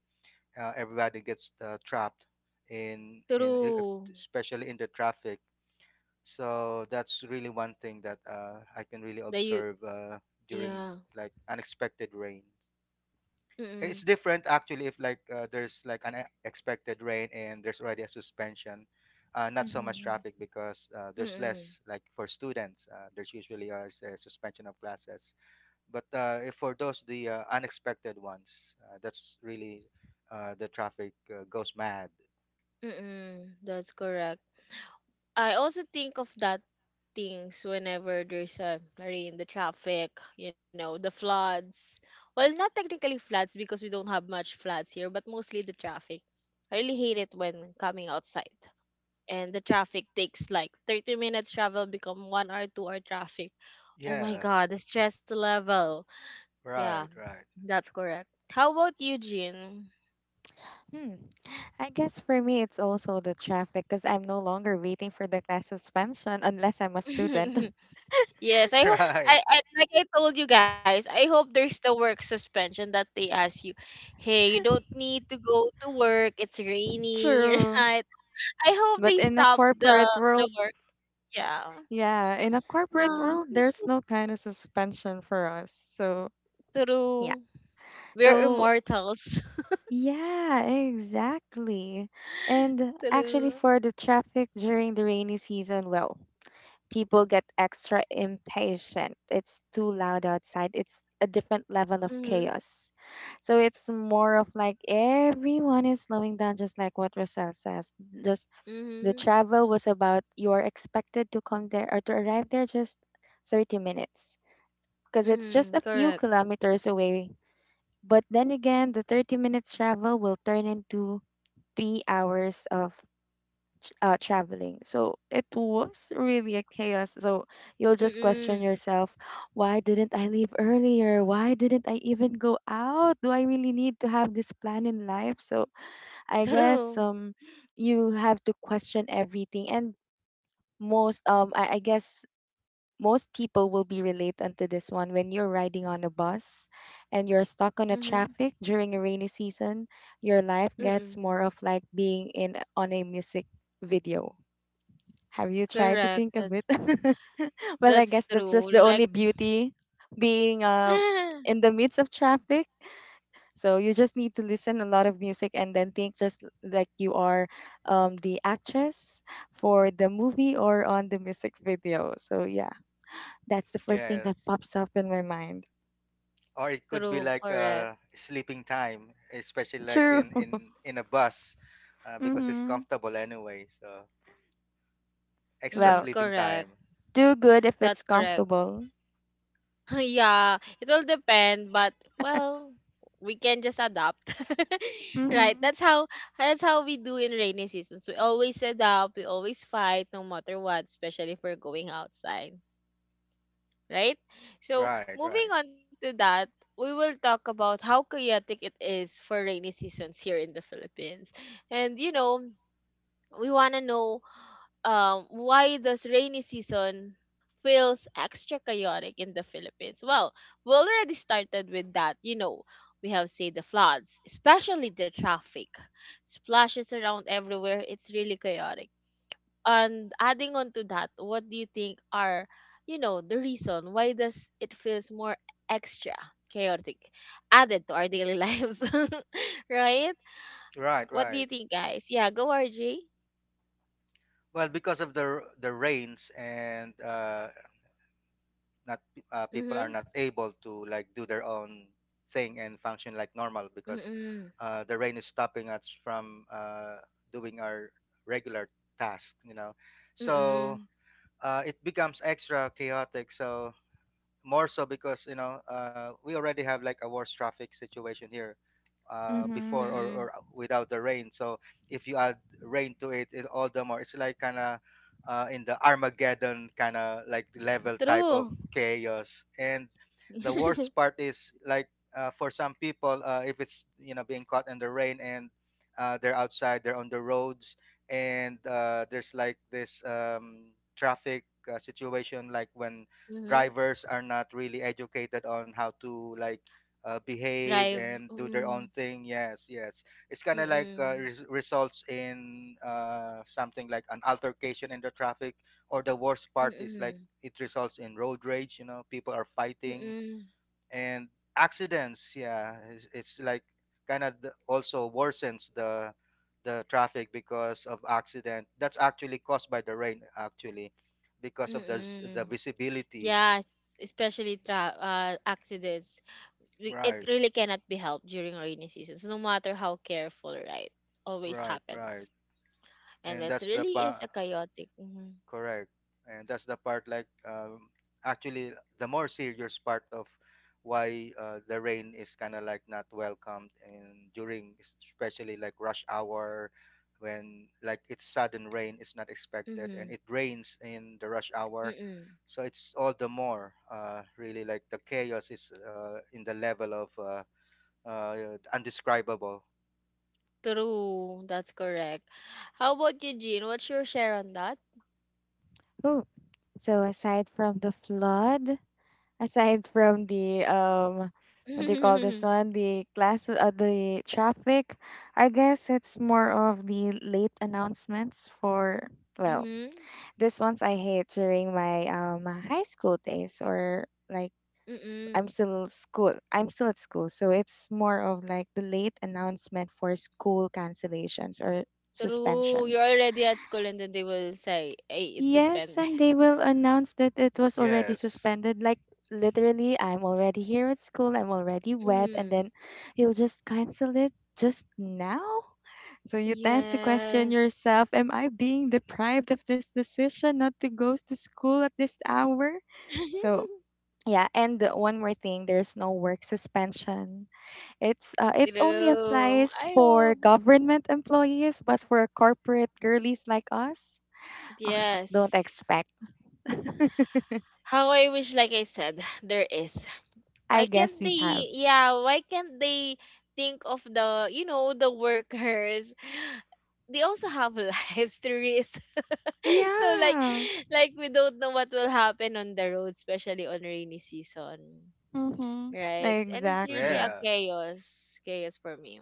[SPEAKER 3] uh, everybody gets uh, trapped in in e- if-
[SPEAKER 1] True.
[SPEAKER 3] especially in the traffic, so that's really one thing that uh, I can really
[SPEAKER 1] That you.
[SPEAKER 3] observe uh, during
[SPEAKER 1] Yeah.
[SPEAKER 3] like unexpected rain. It's
[SPEAKER 1] Mm.
[SPEAKER 3] different actually if like uh, there's like an expected rain and there's already a suspension. Uh, not so much
[SPEAKER 2] Mhm.
[SPEAKER 3] traffic because uh, there's
[SPEAKER 1] Mm,
[SPEAKER 3] less like for students, uh, there's usually a, s- a suspension of classes, but uh, if for those, the uh, unexpected ones, uh, that's really uh, the traffic uh, goes mad.
[SPEAKER 1] mm, that's correct. I also think of that things whenever there's a rain, the traffic, you know, the floods. Well, not technically floods because we don't have much floods here, but mostly the traffic. I really hate it when coming outside. And the traffic takes like thirty minutes travel, become one hour, two hour traffic. Oh my
[SPEAKER 3] Yeah,
[SPEAKER 1] god, the stress level. Yeah,
[SPEAKER 3] right, right,
[SPEAKER 1] that's correct. How about you, Jean?
[SPEAKER 2] Hmm. I guess for me, it's also the traffic because I'm no longer waiting for the class suspension unless I'm a student.
[SPEAKER 1] Yes, I hope. I,
[SPEAKER 3] right.
[SPEAKER 1] I like I told you guys, I hope there's the work suspension that they ask you, hey, you don't need to go to work, it's raining,
[SPEAKER 2] True.
[SPEAKER 1] right? I hope
[SPEAKER 2] But
[SPEAKER 1] they
[SPEAKER 2] in a
[SPEAKER 1] stop
[SPEAKER 2] corporate
[SPEAKER 1] the the
[SPEAKER 2] world,
[SPEAKER 1] work. Yeah.
[SPEAKER 2] yeah, in a corporate world,
[SPEAKER 1] Ah,
[SPEAKER 2] there's no kind of suspension for us. So, yeah.
[SPEAKER 1] true. We're
[SPEAKER 2] So,
[SPEAKER 1] immortals.
[SPEAKER 2] yeah, exactly. And actually,
[SPEAKER 1] True.
[SPEAKER 2] for the traffic during the rainy season, well, people get extra impatient. It's too loud outside, it's a different level of
[SPEAKER 1] Mm-hmm.
[SPEAKER 2] chaos. So it's more of like everyone is slowing down, just like what Roselle says. Just the
[SPEAKER 1] Mm-hmm.
[SPEAKER 2] travel was about you are expected to come there or to arrive there just thirty minutes because it's just a
[SPEAKER 1] Mm-hmm.
[SPEAKER 2] few
[SPEAKER 1] Correct.
[SPEAKER 2] kilometers away. But then again, the thirty minutes travel will turn into three hours of ch- uh, traveling. So it was really a chaos. So you'll just question
[SPEAKER 1] Mm-mm.
[SPEAKER 2] yourself, why didn't I leave earlier? Why didn't I even go out? Do I really need to have this plan in life? So I guess
[SPEAKER 1] True.
[SPEAKER 2] um you have to question everything, and most um I, I guess most people will be relate unto this one when you're riding on a bus and you're stuck on a
[SPEAKER 1] Mm-hmm.
[SPEAKER 2] traffic during a rainy season. Your life gets more
[SPEAKER 1] Mm-mm.
[SPEAKER 2] of like being in on a music video. Have you tried to
[SPEAKER 1] Correct.
[SPEAKER 2] think of it?
[SPEAKER 1] That's
[SPEAKER 2] Well, I
[SPEAKER 1] that's
[SPEAKER 2] guess that's just
[SPEAKER 1] true.
[SPEAKER 2] the
[SPEAKER 1] Like
[SPEAKER 2] only beauty being uh, in the midst of traffic. So you just need to listen a lot of music and then think just l- like you are um, the actress for the movie or on the music video, so yeah, that's the first thing that
[SPEAKER 3] Yes,
[SPEAKER 2] pops up in my mind.
[SPEAKER 3] or it could be
[SPEAKER 1] true,
[SPEAKER 3] like
[SPEAKER 1] correct.
[SPEAKER 3] uh, sleeping time, especially like
[SPEAKER 2] True.
[SPEAKER 3] in in in a bus, uh, because it's
[SPEAKER 2] Mm-hmm.
[SPEAKER 3] comfortable anyway. So extra
[SPEAKER 1] Mm-hmm.
[SPEAKER 2] Well,
[SPEAKER 3] sleeping
[SPEAKER 1] Correct.
[SPEAKER 3] time.
[SPEAKER 2] do good if
[SPEAKER 1] That's
[SPEAKER 2] it's
[SPEAKER 1] correct.
[SPEAKER 2] comfortable.
[SPEAKER 1] Yeah, it will depend, but well, we can just adapt. Right.
[SPEAKER 2] Mm-hmm.
[SPEAKER 1] That's how that's how we do in rainy seasons. We always adapt, we always fight no matter what, especially if we're going outside. Right? So
[SPEAKER 3] Right,
[SPEAKER 1] moving
[SPEAKER 3] right,
[SPEAKER 1] on to that, we will talk about how chaotic it is for rainy seasons here in the Philippines. And you know, we wanna know, um, why does rainy season feels extra chaotic in the Philippines? Well, we already started with that. You know, we have say the floods, especially the traffic, splashes around everywhere. It's really chaotic. And adding on to that, what do you think are, you know the reason why does it feels more extra chaotic added to our daily lives, right?
[SPEAKER 3] right,
[SPEAKER 1] What do you
[SPEAKER 3] right.
[SPEAKER 1] think, guys? Yeah, go R J.
[SPEAKER 3] Well, because of the r- the rains, and uh, not uh, people are
[SPEAKER 1] Mhm.
[SPEAKER 3] not able to like do their own thing and function like normal because
[SPEAKER 1] Mm-mm.
[SPEAKER 3] uh, the rain is stopping us from uh, doing our regular task, you know, so
[SPEAKER 1] Mm-mm.
[SPEAKER 3] uh, it becomes extra chaotic, so more so because you know uh, we already have like a worse traffic situation here uh, before,
[SPEAKER 2] Mm-hmm.
[SPEAKER 3] or
[SPEAKER 1] Mm,
[SPEAKER 3] or uh, without the rain, so if you add rain to it, it all the more it's like kind of uh, in the Armageddon kind of like level type of
[SPEAKER 1] true.
[SPEAKER 3] chaos. And the worst part is like uh, for some people, uh, if it's, you know, being caught in the rain, and uh, they're outside, they're on the roads, and uh, there's like this um, traffic uh, situation, like when
[SPEAKER 1] Mhm.
[SPEAKER 3] drivers are not really educated on how to like uh, behave
[SPEAKER 1] Drive.
[SPEAKER 3] and do their own
[SPEAKER 1] Mm,
[SPEAKER 3] thing. Yes, yes. It's kind of like uh,
[SPEAKER 1] mm,
[SPEAKER 3] res- results in uh, something like an altercation in the traffic, or the worst part is like
[SPEAKER 1] mm,
[SPEAKER 3] it results in road rage. You know, people are fighting
[SPEAKER 1] mm,
[SPEAKER 3] and accidents. Yeah, it's, it's like kind of also worsens the the traffic because of accident that's actually caused by the rain actually, because of the z- the
[SPEAKER 1] mm.
[SPEAKER 3] visibility.
[SPEAKER 1] Yes, especially tra uh, accidents. We- It
[SPEAKER 3] Right,
[SPEAKER 1] really cannot be helped during rainy seasons, no matter how careful, right? Always
[SPEAKER 3] right, right.
[SPEAKER 1] happens. And
[SPEAKER 3] And
[SPEAKER 1] that
[SPEAKER 3] that's the
[SPEAKER 1] really is
[SPEAKER 3] part,
[SPEAKER 1] a chaotic. Mm-hmm.
[SPEAKER 3] correct. And that's the part, like, um, actually, the more serious part of why uh, the rain is kind of like not welcomed, and during, es- especially like rush hour, when like it's sudden rain is not expected,
[SPEAKER 1] Mm-hmm.
[SPEAKER 3] and it rains in the rush hour.
[SPEAKER 1] Mm-hmm.
[SPEAKER 3] So it's all the more uh, really like the chaos is uh, in the level of uh, uh, undescribable.
[SPEAKER 1] True, that's correct. How about you, Jean? What's your share on that?
[SPEAKER 2] Oh, so aside from the flood, aside from the um, what do you call this one? The class, uh, the traffic. I guess it's more of the late announcements for, well,
[SPEAKER 1] Mm-hmm.
[SPEAKER 2] this ones I hate during my um high school days, or like I'm
[SPEAKER 1] Mm-hmm.
[SPEAKER 2] still school. I'm still at school, so it's more of like the late announcement for school cancellations or
[SPEAKER 1] True. You're
[SPEAKER 2] suspensions.
[SPEAKER 1] already at school and then they will say, hey, it's
[SPEAKER 2] Yes,
[SPEAKER 1] suspended.
[SPEAKER 2] and they will announce that it was already
[SPEAKER 3] Yes.
[SPEAKER 2] suspended. Like literally, I'm already here at school. I'm already wet, and then
[SPEAKER 1] Hmm.
[SPEAKER 2] you'll just cancel it just now. So you tend to question
[SPEAKER 1] Yes.
[SPEAKER 2] yourself: am I being deprived of this decision not to go to school at this hour? So yeah, and one more thing: there's no work suspension. It's uh, it only
[SPEAKER 1] True.
[SPEAKER 2] applies
[SPEAKER 1] I hope.
[SPEAKER 2] for government employees, but for corporate girlies like us, uh, don't
[SPEAKER 1] Yes.
[SPEAKER 2] expect.
[SPEAKER 1] How I wish, like I said, there is.
[SPEAKER 2] I
[SPEAKER 1] Why
[SPEAKER 2] guess
[SPEAKER 1] can't
[SPEAKER 2] we have.
[SPEAKER 1] they, yeah, why can't they think of the, you know, the workers? They also have lives to risk. So, like,
[SPEAKER 2] Yeah.
[SPEAKER 1] like we don't know what will happen on the road, especially on rainy season.
[SPEAKER 2] Mm-hmm.
[SPEAKER 1] Right? And it's really a
[SPEAKER 2] Exactly.
[SPEAKER 3] Yeah.
[SPEAKER 1] chaos, chaos for me.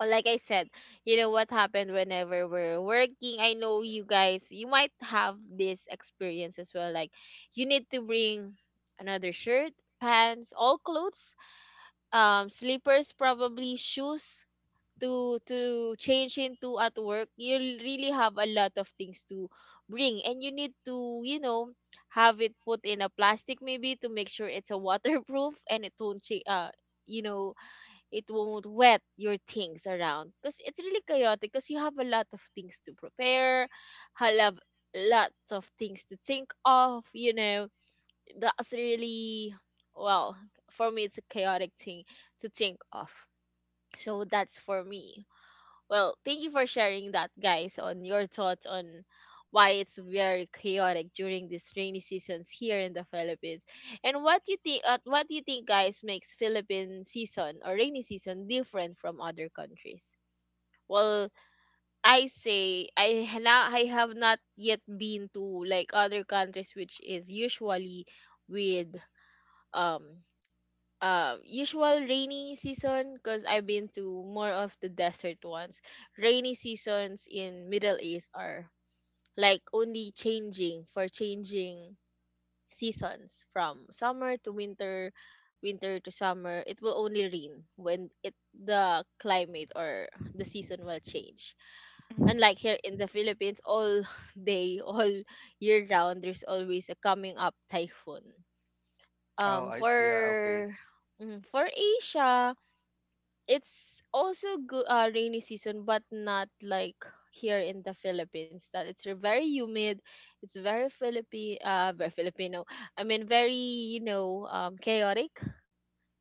[SPEAKER 1] Like I said, you know what happened whenever we're working. I know you guys, you might have this experience as well. Like, you need to bring another shirt, pants, all clothes, um, slippers, probably shoes, to to change into at work. You'll really have a lot of things to bring, and you need to, you know have it put in a plastic, maybe, to make sure it's a waterproof, and it won't cha- uh you know it won't wet your things around, because it's really chaotic, because you have a lot of things to prepare. I have lots of things to think of, you know. That's really, well, for me it's a chaotic thing to think of. So that's for me. Well, thank you for sharing that, guys, on your thoughts on why it's very chaotic during these rainy seasons here in the Philippines. And what you think? Uh, what do you think, guys, makes Philippine season or rainy season different from other countries? Well, I say, I ha- now, I have not yet been to like other countries, which is usually with, um uh, usual rainy season, because I've been to more of the desert ones. Rainy seasons in Middle East are like only changing for changing seasons from summer to winter, winter to summer. It will only rain when it the climate or the season will change. Unlike here in the Philippines, all day, all year round, there's always a coming up typhoon,
[SPEAKER 3] Oh,
[SPEAKER 1] um
[SPEAKER 3] I see. Yeah,
[SPEAKER 1] for,
[SPEAKER 3] okay.
[SPEAKER 1] mhm, for Asia, it's also good, uh, rainy season, but not like here in the Philippines. That it's very humid, it's very Philippi uh very Filipino. I mean, very, you know um chaotic.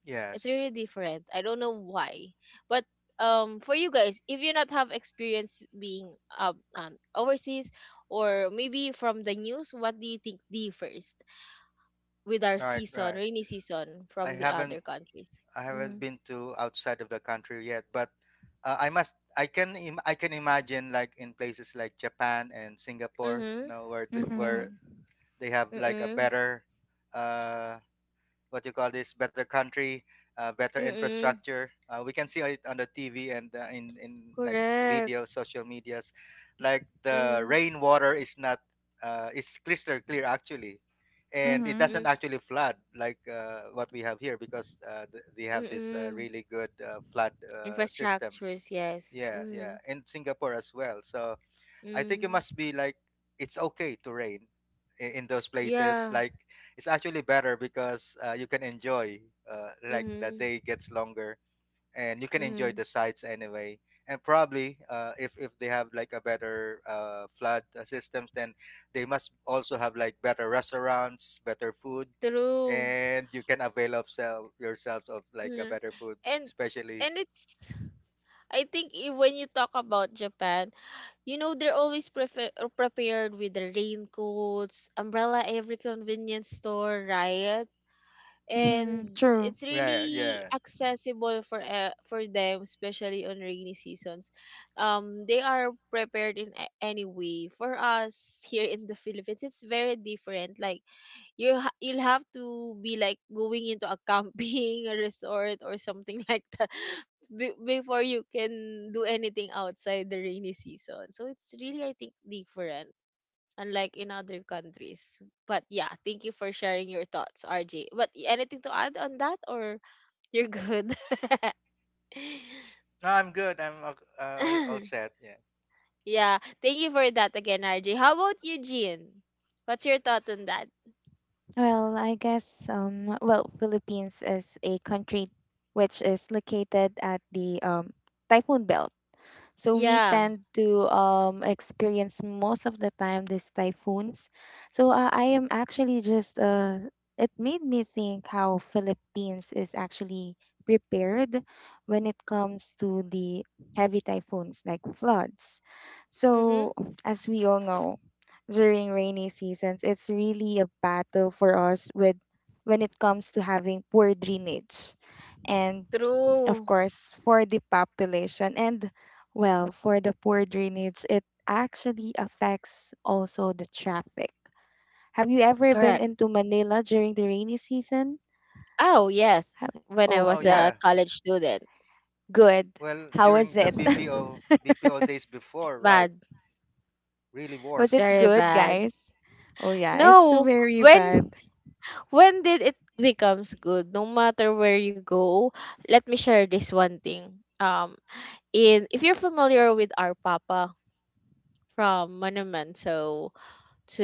[SPEAKER 1] It's really different. I don't know why, but, um for you guys, if you not have experience being, um, um overseas, or maybe from the news, what do you think differs with our
[SPEAKER 3] Right,
[SPEAKER 1] season,
[SPEAKER 3] right.
[SPEAKER 1] rainy season, from
[SPEAKER 3] I
[SPEAKER 1] the
[SPEAKER 3] haven't
[SPEAKER 1] other countries?
[SPEAKER 3] I haven't
[SPEAKER 1] Mhm.
[SPEAKER 3] been to outside of the country yet, but uh, I must I can Im- I can imagine like in places like Japan and Singapore,
[SPEAKER 1] Mhm.
[SPEAKER 3] you know, where the,
[SPEAKER 1] Mhm.
[SPEAKER 3] where
[SPEAKER 2] Mm-hmm.
[SPEAKER 3] they have like a
[SPEAKER 1] Mhm.
[SPEAKER 3] better, uh what you call this, better country, uh, better
[SPEAKER 1] Mhm.
[SPEAKER 3] infrastructure. Uh, we can see it on the TV and uh, in in like
[SPEAKER 1] Correct.
[SPEAKER 3] video social medias. Like the
[SPEAKER 1] Mhm.
[SPEAKER 3] rainwater is not, uh, it's crystal clear actually, and it
[SPEAKER 2] Mm-hmm.
[SPEAKER 1] Mhm.
[SPEAKER 3] doesn't actually flood like uh, what we have here, because uh, th- they have this uh,
[SPEAKER 1] Mhm.
[SPEAKER 3] really good uh, flood uh, systems.
[SPEAKER 1] Infrastructures, yes.
[SPEAKER 3] Yeah, yeah,
[SPEAKER 1] Mhm.
[SPEAKER 3] in Singapore as well. So I think it
[SPEAKER 1] Mhm.
[SPEAKER 3] must be like it's okay to rain in, in those places.
[SPEAKER 1] Yeah.
[SPEAKER 3] Like it's actually better because uh, you can enjoy, uh, like the
[SPEAKER 1] Mhm.
[SPEAKER 3] day gets longer and you can enjoy
[SPEAKER 1] Mhm.
[SPEAKER 3] the sights anyway. And probably uh, if if they have like a better uh, flood uh, systems, then they must also have like better restaurants, better food,
[SPEAKER 1] True.
[SPEAKER 3] and you can avail of self, yourselves of like a
[SPEAKER 1] Mhm.
[SPEAKER 3] better food,
[SPEAKER 1] And
[SPEAKER 3] especially.
[SPEAKER 1] and it's, I think i- when you talk about Japan, you know they're always prefer- prepared with the raincoats, umbrella every convenience store, right?
[SPEAKER 2] Mm-hmm.
[SPEAKER 1] And
[SPEAKER 2] True.
[SPEAKER 1] it's
[SPEAKER 3] Yeah,
[SPEAKER 1] really
[SPEAKER 3] yeah.
[SPEAKER 1] accessible for uh, for them, especially on rainy seasons. Um they are prepared in a- any way. For us here in the Philippines, it's very different, like, you ha- you'll have to be like going into a camping a resort or something like that be- before you can do anything outside the rainy season. So it's really, I think, different, unlike in other countries. But yeah, thank you for sharing your thoughts, R J. But y- anything to add on that or you're good?
[SPEAKER 3] No, I'm good. I'm all- uh, all all set. Yeah.
[SPEAKER 1] yeah, thank you for that again, R J. How about you, Jean? What's your thought on that?
[SPEAKER 2] Well, I guess um well, Philippines is a country which is located at the um typhoon belt. So we
[SPEAKER 1] Yeah.
[SPEAKER 2] tend to um, experience most of the time these typhoons. So uh, I am actually just, uh, it made me think how Philippines is actually prepared when it comes to the heavy typhoons like floods.
[SPEAKER 1] Mm-hmm.
[SPEAKER 2] So as we all know, during rainy seasons, it's really a battle for us with when it comes to having poor drainage, and of
[SPEAKER 1] True.
[SPEAKER 2] course, for the population. And well, for the poor drainage, it actually affects also the traffic. Have you ever been
[SPEAKER 1] Correct.
[SPEAKER 2] into Manila during the rainy season?
[SPEAKER 1] Oh, yes.
[SPEAKER 2] Ha-
[SPEAKER 1] When I
[SPEAKER 2] Oh,
[SPEAKER 3] Oh
[SPEAKER 1] was
[SPEAKER 2] yeah.
[SPEAKER 1] a
[SPEAKER 3] yeah.
[SPEAKER 1] college student.
[SPEAKER 2] Good.
[SPEAKER 3] Well,
[SPEAKER 2] How was
[SPEAKER 3] during the
[SPEAKER 2] it?
[SPEAKER 3] B P O BPO days
[SPEAKER 1] It's
[SPEAKER 3] before, right?
[SPEAKER 1] bad.
[SPEAKER 3] Really
[SPEAKER 1] It's
[SPEAKER 2] Was it
[SPEAKER 3] worse.
[SPEAKER 1] very
[SPEAKER 2] good,
[SPEAKER 1] bad.
[SPEAKER 2] guys? Oh, yeah. It's
[SPEAKER 1] No,
[SPEAKER 2] very bad.
[SPEAKER 1] when When did it becomes good? No matter where you go, let me share this one thing. Um, in if you're familiar with our Papa from Monumento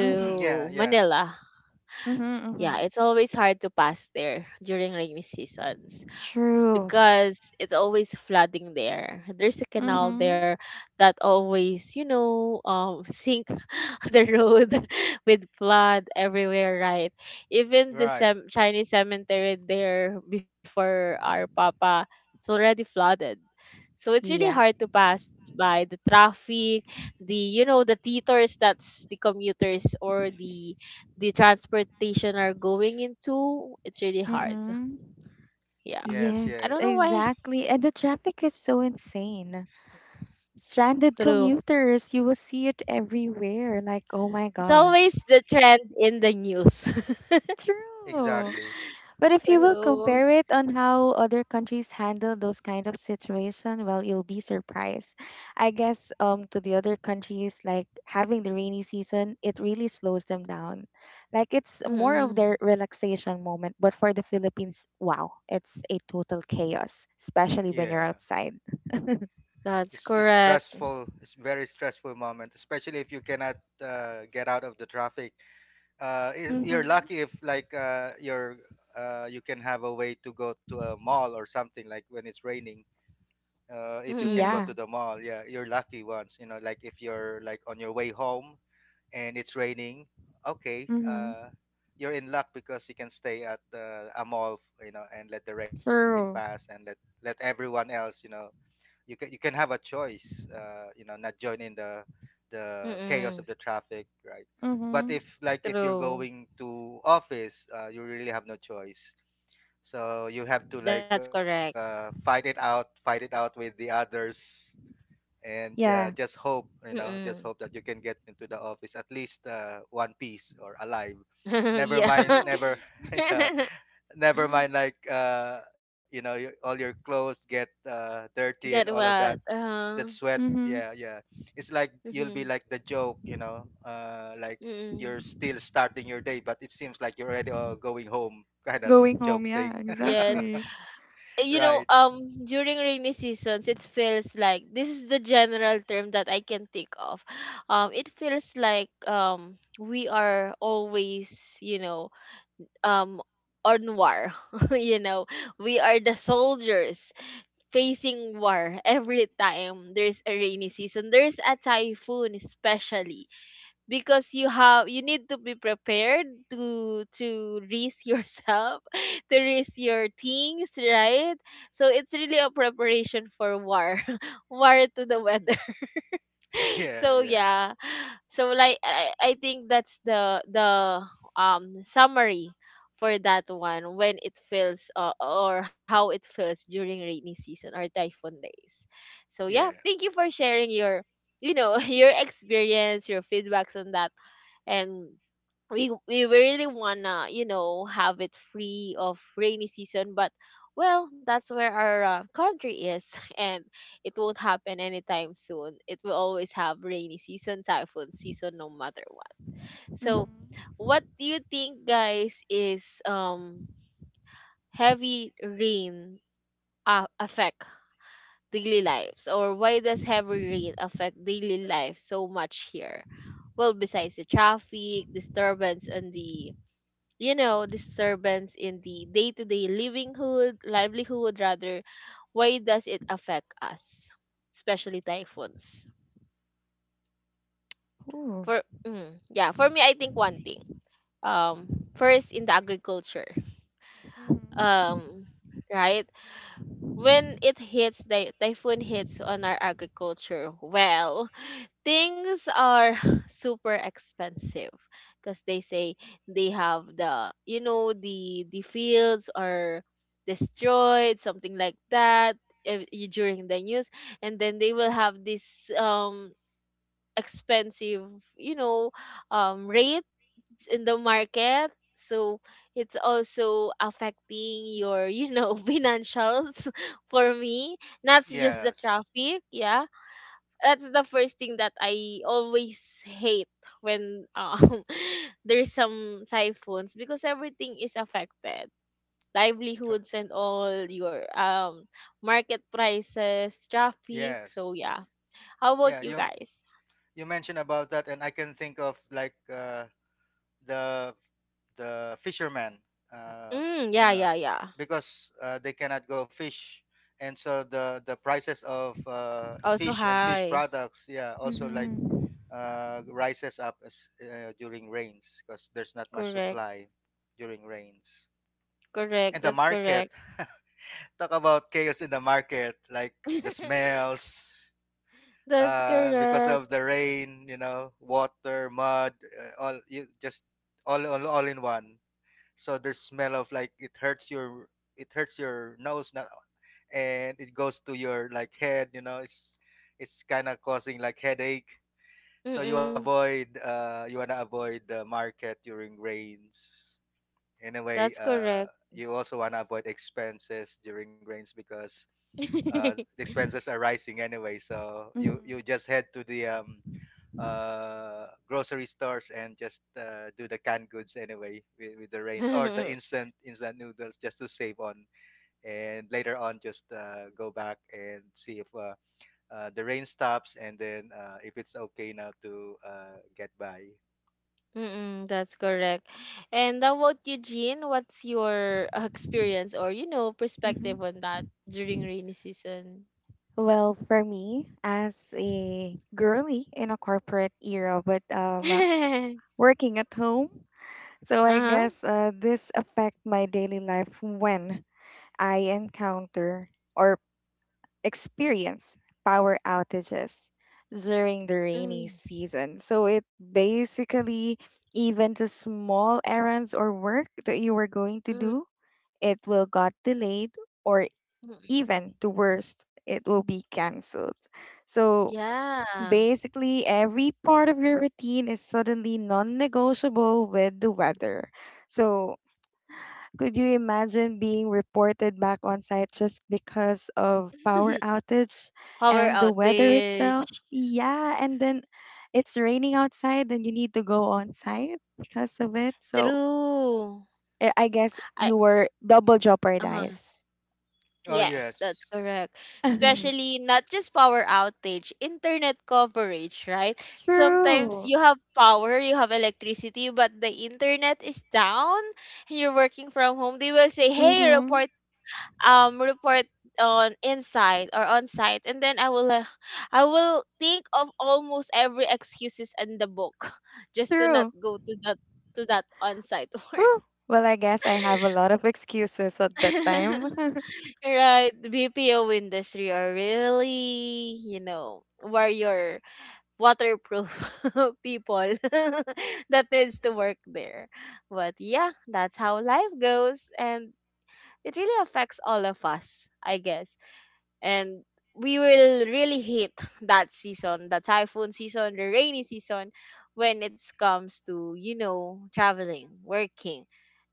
[SPEAKER 2] Mm-hmm.
[SPEAKER 3] Mm, yeah, yeah.
[SPEAKER 1] Manila,
[SPEAKER 2] Mm-hmm.
[SPEAKER 1] yeah,
[SPEAKER 2] Mm-hmm.
[SPEAKER 1] it's always hard to pass there during rainy seasons. It's
[SPEAKER 2] True.
[SPEAKER 1] because it's always flooding there. There's a canal
[SPEAKER 2] Mm-hmm.
[SPEAKER 1] there that always, you know, um sink the road with flood everywhere, right? Even the
[SPEAKER 3] Right.
[SPEAKER 1] sem- Chinese cemetery there before our papa, it's already flooded. So it's really
[SPEAKER 2] Yeah.
[SPEAKER 1] hard to pass by the traffic, the you know the theaters that's the commuters or the the transportation are going into, it's really hard.
[SPEAKER 2] Mm-hmm.
[SPEAKER 1] Yeah.
[SPEAKER 3] Yes,
[SPEAKER 1] I
[SPEAKER 2] Yes,
[SPEAKER 1] don't know
[SPEAKER 3] yes.
[SPEAKER 1] why.
[SPEAKER 2] exactly. And the traffic is so insane. Stranded
[SPEAKER 1] True.
[SPEAKER 2] commuters. You will see it everywhere. Like, oh my
[SPEAKER 1] It's always
[SPEAKER 2] gosh.
[SPEAKER 1] the trend in the news.
[SPEAKER 2] True.
[SPEAKER 3] Exactly.
[SPEAKER 2] But if you will
[SPEAKER 1] True.
[SPEAKER 2] compare it on how other countries handle those kind of situation, well, you'll be surprised. I guess um to the other countries, like having the rainy season, it really slows them down. Like it's more of
[SPEAKER 1] Mm-mm.
[SPEAKER 2] their relaxation moment. But for the Philippines, wow, it's a total chaos, especially when you're
[SPEAKER 3] Yeah.
[SPEAKER 2] outside.
[SPEAKER 1] That's
[SPEAKER 3] It's, it's
[SPEAKER 1] correct.
[SPEAKER 3] stressful. It's very stressful moment, especially if you cannot uh, get out of the traffic. Uh, y- you're
[SPEAKER 2] Mm-hmm.
[SPEAKER 3] lucky if like, uh, you're uh, you can have a way to go to a mall or something like when it's raining. Uh, if you can go to
[SPEAKER 2] Yeah.
[SPEAKER 1] Mm-mm.
[SPEAKER 3] the mall, yeah, you're lucky once. You know, like if you're like on your way home and it's raining, okay,
[SPEAKER 2] Mm-hmm.
[SPEAKER 3] uh, you're in luck because you can stay at, uh, a mall, you know, and let the rain pass and
[SPEAKER 2] True.
[SPEAKER 3] let let everyone else, you know, you can you can have a choice, uh, you know, not join in the the chaos of
[SPEAKER 1] Mm-mm.
[SPEAKER 3] the traffic, right? But
[SPEAKER 2] Mm-hmm.
[SPEAKER 3] if, like, if you're
[SPEAKER 1] True.
[SPEAKER 3] going to office, uh, you really have no choice. So you have to
[SPEAKER 1] That's
[SPEAKER 3] like,
[SPEAKER 1] correct.
[SPEAKER 3] uh, fight it out, fight it out with the others and uh, just
[SPEAKER 2] Yeah.
[SPEAKER 3] hope you know just hope
[SPEAKER 1] Mm-mm.
[SPEAKER 3] that you can get into the office at least uh, one piece or alive, never
[SPEAKER 1] yeah.
[SPEAKER 3] mind
[SPEAKER 2] True.
[SPEAKER 3] never yeah, never mind like, uh, you know your, all your clothes get uh, dirty and all
[SPEAKER 1] Get
[SPEAKER 3] of that
[SPEAKER 1] what?
[SPEAKER 3] that
[SPEAKER 1] Uh,
[SPEAKER 3] sweat.
[SPEAKER 2] Mm-hmm.
[SPEAKER 3] Yeah, yeah, it's like you'll be
[SPEAKER 1] mm-hmm.
[SPEAKER 3] like the joke, you know uh, like
[SPEAKER 1] Mm-mm.
[SPEAKER 3] you're still starting your day but it seems like you're already uh, going home kind of
[SPEAKER 2] Going home.
[SPEAKER 3] joke
[SPEAKER 2] Yeah,
[SPEAKER 3] thing.
[SPEAKER 1] Yes,
[SPEAKER 2] exactly.
[SPEAKER 1] you
[SPEAKER 3] Right.
[SPEAKER 1] know, um, during rainy seasons, it feels like this is the general term that I can think of. Um, it feels like um we are always, you know, um on war. you know, we are the soldiers facing war every time there's a rainy season. There's a typhoon especially because you have you need to be prepared to to risk yourself to risk your things, right? So it's really a preparation for war, war to the weather.
[SPEAKER 3] Yeah,
[SPEAKER 1] So
[SPEAKER 3] yeah,
[SPEAKER 1] yeah, so like I, I think that's the the um summary for that one when it feels uh, or how it feels during rainy season or typhoon days. So yeah,
[SPEAKER 3] yeah.
[SPEAKER 1] thank you for sharing your you know your experience, your feedbacks on that, and we we really wanna you know have it free of rainy season, but well, that's where our uh, country is, and it won't happen anytime soon. It will always have rainy season, typhoon season, no matter what.
[SPEAKER 2] Mm-hmm.
[SPEAKER 1] So, what do you think, guys, is um heavy rain uh, affect daily lives, or why does heavy rain affect daily life so much here? Well, besides the traffic disturbance and the you know disturbance in the day-to-day livinghood, livelihood rather, why does it affect us, especially typhoons?
[SPEAKER 2] Ooh.
[SPEAKER 1] For mm, yeah, for me I think one thing. Um first in the agriculture.
[SPEAKER 2] Mm-hmm.
[SPEAKER 1] Um right? When it hits the typhoon hits on our agriculture, well, things are super expensive because they say they have the you know the the fields are destroyed, something like that, if, you- during the news. And then they will have this um expensive, you know, um rate in the market. So it's also affecting your, you know, financials for me. Not just the
[SPEAKER 3] Yes.
[SPEAKER 1] traffic, yeah. That's the first thing that I always hate when um there's some typhoons, because everything is affected.
[SPEAKER 3] Co-
[SPEAKER 1] Livelihoods and all your um market prices, traffic. So
[SPEAKER 3] yes.
[SPEAKER 1] yeah. How about
[SPEAKER 3] Yeah,
[SPEAKER 1] you
[SPEAKER 3] you
[SPEAKER 1] guys?
[SPEAKER 3] you mentioned about that, and I can think of like, uh, the the fishermen, uh,
[SPEAKER 1] Mm,
[SPEAKER 3] you
[SPEAKER 1] yeah,
[SPEAKER 3] know,
[SPEAKER 1] yeah, yeah.
[SPEAKER 3] because uh, they cannot go fish, and so the the prices of uh,
[SPEAKER 1] Also
[SPEAKER 3] fish and fish
[SPEAKER 1] high.
[SPEAKER 3] products, yeah, also like,
[SPEAKER 2] Mm-hmm.
[SPEAKER 3] uh, rises up as, uh, during rains because there's not much
[SPEAKER 1] Correct.
[SPEAKER 3] supply during rains, and
[SPEAKER 1] Correct.
[SPEAKER 3] the
[SPEAKER 1] That's
[SPEAKER 3] market.
[SPEAKER 1] correct.
[SPEAKER 3] Talk about chaos in the market, like the smells.
[SPEAKER 1] That's
[SPEAKER 3] Uh, because
[SPEAKER 1] correct.
[SPEAKER 3] of the rain, you know, water, mud, uh, all you just all, all all in one. So there's smell of like, it hurts your it hurts your nose now, and it goes to your like head. You know, it's it's kind of causing like headache. So you wanna
[SPEAKER 1] Mm-mm.
[SPEAKER 3] avoid, uh you wanna avoid the market during rains. Anyway,
[SPEAKER 1] That's
[SPEAKER 3] uh,
[SPEAKER 1] correct.
[SPEAKER 3] you also wanna avoid expenses during rains because uh, the expenses are rising anyway. So
[SPEAKER 2] Mm-hmm.
[SPEAKER 3] you you just head to the, um uh, grocery stores and just uh, do the canned goods anyway, with, with the rains, or the instant instant noodles, just to save on, and later on just uh, go back and see if, uh, uh, the rain stops and then uh, if it's okay now to uh, get by.
[SPEAKER 1] Mm-mm, that's correct. And how about you, Jean? What's your uh, experience or you know perspective
[SPEAKER 2] Mm-hmm.
[SPEAKER 1] on that during rainy season?
[SPEAKER 2] Well, for me, as a girly in a corporate era, but um, working at home, so I
[SPEAKER 1] uh-huh.
[SPEAKER 2] guess uh, this affect my daily life when I encounter or experience power outages during the rainy
[SPEAKER 1] Mm,
[SPEAKER 2] season. So it basically, even the small errands or work that you were going to
[SPEAKER 1] mm,
[SPEAKER 2] do, it will got delayed, or
[SPEAKER 1] mm.
[SPEAKER 2] even the worst, it will be cancelled. So
[SPEAKER 1] Yeah.
[SPEAKER 2] basically, every part of your routine is suddenly non negotiable with the weather. So could you imagine being reported back on site just because of power outage
[SPEAKER 1] Power
[SPEAKER 2] and the weather itself?
[SPEAKER 1] outage.
[SPEAKER 2] Yeah, and then it's raining outside and you need to go on site because of it. So
[SPEAKER 1] True.
[SPEAKER 2] I I guess
[SPEAKER 1] I
[SPEAKER 2] you were double
[SPEAKER 1] uh-huh.
[SPEAKER 2] jeopardized.
[SPEAKER 3] Oh
[SPEAKER 1] Yes, that's
[SPEAKER 3] yes.
[SPEAKER 1] correct. Especially not just power outage, internet coverage, right? Sometimes
[SPEAKER 2] True.
[SPEAKER 1] you have power, you have electricity, but the internet is down, and you're working from home. They will say, "Hey,
[SPEAKER 2] Mm-hmm.
[SPEAKER 1] report um report on inside or on site." And then I will uh, I will think of almost every excuses in the book just to not
[SPEAKER 2] True.
[SPEAKER 1] go to that to that on site work.
[SPEAKER 2] Whew. Well, I guess I have a lot of excuses at that time.
[SPEAKER 1] Right, the B P O industry are really, you know, where your waterproof people that needs to work there. But yeah, that's how life goes, and it really affects all of us, I guess, and we will really hit that season, the typhoon season, the rainy season, when it comes to you know traveling, working,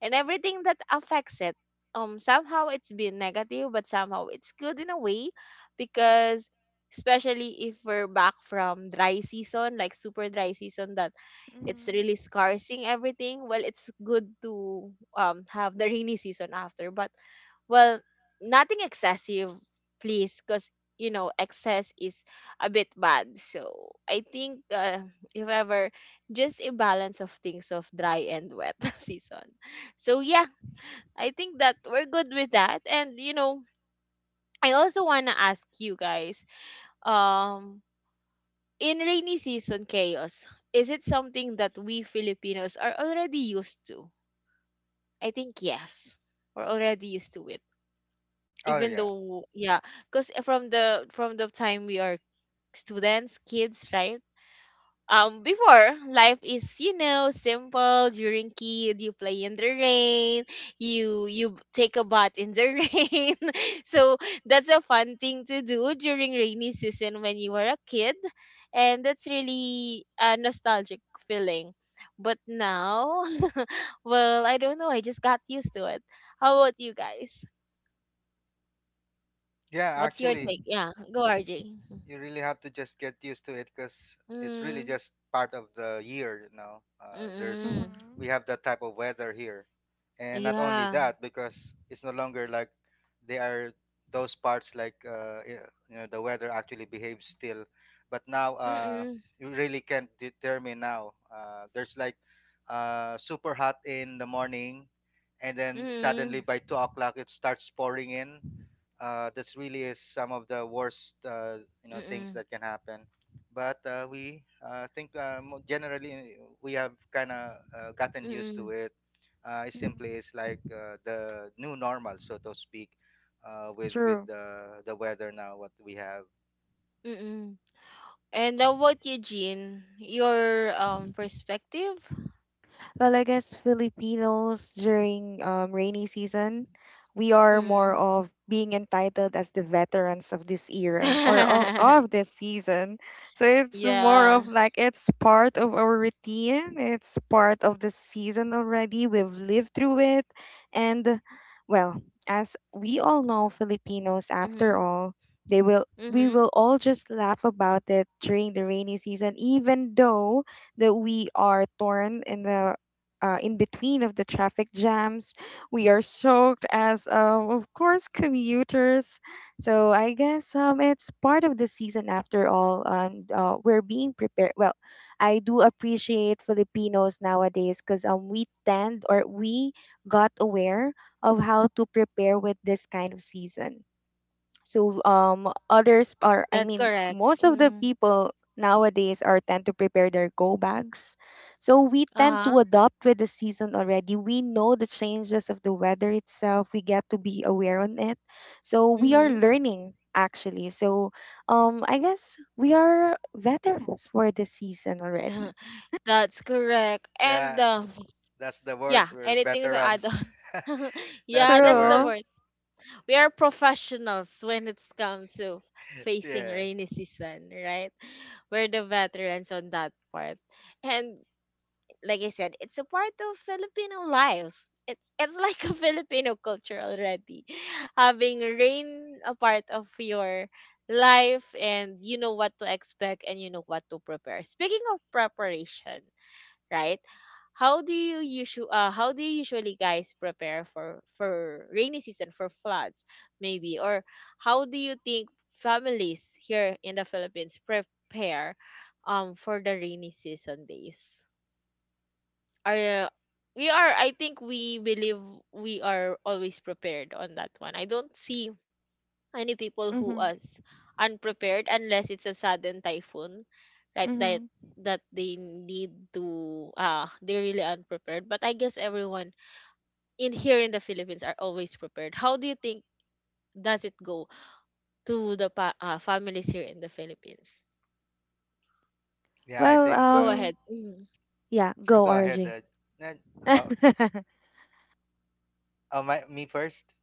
[SPEAKER 1] and everything that affects it. Um, somehow it's been negative, but somehow it's good in a way, because especially if we're back from dry season, like super dry season, that it's really scarcing everything. Well, it's good to um have the rainy season after, but well, nothing excessive please, because you know excess is a bit bad. So I think uh, if ever, just a balance of things of dry and wet season. So yeah, I think that we're good with that. And you know I also want to ask you guys, um in rainy season chaos, is it something that we Filipinos are already used to? I think yes, we're already used to it,
[SPEAKER 3] Oh
[SPEAKER 1] even
[SPEAKER 3] yeah.
[SPEAKER 1] though, yeah, because from the from the time we are students, kids, right? Um, before, life is you know simple. During kid, you play in the rain. You you take a bath in the rain. So that's a fun thing to do during rainy season when you were a kid, and that's really a nostalgic feeling. But now, well, I don't know. I just got used to it. How about you guys?
[SPEAKER 3] Yeah,
[SPEAKER 1] What's your
[SPEAKER 3] actually.
[SPEAKER 1] take?
[SPEAKER 2] Mm-hmm.
[SPEAKER 1] Yeah, go R J.
[SPEAKER 3] You really have to just get used to it because it's really
[SPEAKER 1] Mm,
[SPEAKER 3] just part of the year, you know. uh,
[SPEAKER 2] Mm-hmm.
[SPEAKER 3] there's
[SPEAKER 1] mm-mm.
[SPEAKER 3] we have that type of weather here, and not only
[SPEAKER 1] Yeah.
[SPEAKER 3] that, because it's no longer like they are, those parts like, uh, y- you know, the weather actually behaves still, but now uh,
[SPEAKER 1] Mm,
[SPEAKER 3] you really can't determine now, uh, there's like uh, super hot in the morning and then suddenly
[SPEAKER 1] mm,
[SPEAKER 3] by two o'clock it starts pouring in. Uh, that's really is some of the worst uh, you know things
[SPEAKER 1] mm,
[SPEAKER 3] that can happen. But uh, we uh, think, uh, mo- generally we have kind of uh, gotten used to
[SPEAKER 1] mm,
[SPEAKER 3] it. Uh, it simply is like uh, the new normal, so to speak, uh, with with
[SPEAKER 2] True.
[SPEAKER 3] the, the weather now, what we have.
[SPEAKER 1] mm. And how about you, Jean? Your um perspective?
[SPEAKER 2] Well, I guess Filipinos during um, rainy season, we are more
[SPEAKER 1] Mm.
[SPEAKER 2] of being entitled as the veterans of this era or of, of this season. So it's more
[SPEAKER 1] Yeah.
[SPEAKER 2] of like it's part of our routine, it's part of the season already. We've lived through it. And well, as we all know, Filipinos, after
[SPEAKER 1] Mm-hmm.
[SPEAKER 2] all, they will. We will
[SPEAKER 1] Mm-hmm.
[SPEAKER 2] all just laugh about it during the rainy season, even though that we are torn in the uh, in between of the traffic jams. We are soaked as, um, of course, commuters. So I guess um, it's part of the season after all, and uh, we're being prepared. Well, I do appreciate Filipinos nowadays because um, we tend or we got aware of how to prepare with this kind of season. So um others are
[SPEAKER 1] That's
[SPEAKER 2] I mean
[SPEAKER 1] correct.
[SPEAKER 2] most of the
[SPEAKER 1] Mm.
[SPEAKER 2] people nowadays are tend to prepare their go bags. So we tend
[SPEAKER 1] Uh-huh.
[SPEAKER 2] to adopt with the season already. We know the changes of the weather itself. We get to be aware on it. So we are
[SPEAKER 1] Mm-hmm.
[SPEAKER 2] learning actually. So um I guess we are veterans for the season already.
[SPEAKER 1] That's correct. And
[SPEAKER 3] Yeah,
[SPEAKER 1] um,
[SPEAKER 3] that's the word,
[SPEAKER 1] yeah,
[SPEAKER 3] we're
[SPEAKER 1] anything to add on?
[SPEAKER 3] veterans. That's
[SPEAKER 1] Yeah,
[SPEAKER 3] the
[SPEAKER 1] that's the
[SPEAKER 3] word.
[SPEAKER 2] True.
[SPEAKER 1] word. We are professionals when it comes to facing
[SPEAKER 3] Yeah,
[SPEAKER 1] rainy season, right? We're the veterans on that part. And like I said, it's a part of Filipino lives. It's it's like a Filipino culture already. Having rain a part of your life, and you know what to expect and you know what to prepare. Speaking of preparation, right? How do you usually uh, how do you usually guys prepare for for rainy season, for floods maybe, or how do you think families here in the Philippines prepare um for the rainy season days? Are uh, We are, I think we believe we are always prepared on that one. I don't see any people who
[SPEAKER 2] Mhm.
[SPEAKER 1] us unprepared, unless it's a sudden typhoon, right? That
[SPEAKER 2] Mhm.
[SPEAKER 1] that they need to uh they're really unprepared. But I guess everyone in here in the Philippines are always prepared. How do you think does it go to the pa- uh, families here in the Philippines?
[SPEAKER 3] yeah, I
[SPEAKER 2] Well,
[SPEAKER 3] think,
[SPEAKER 1] Go
[SPEAKER 3] um
[SPEAKER 2] um
[SPEAKER 1] ahead. Mhm.
[SPEAKER 2] yeah,
[SPEAKER 3] I'll
[SPEAKER 2] go
[SPEAKER 3] go ahead,
[SPEAKER 2] R J.
[SPEAKER 3] uh, Ned. uh, uh, my, Me first.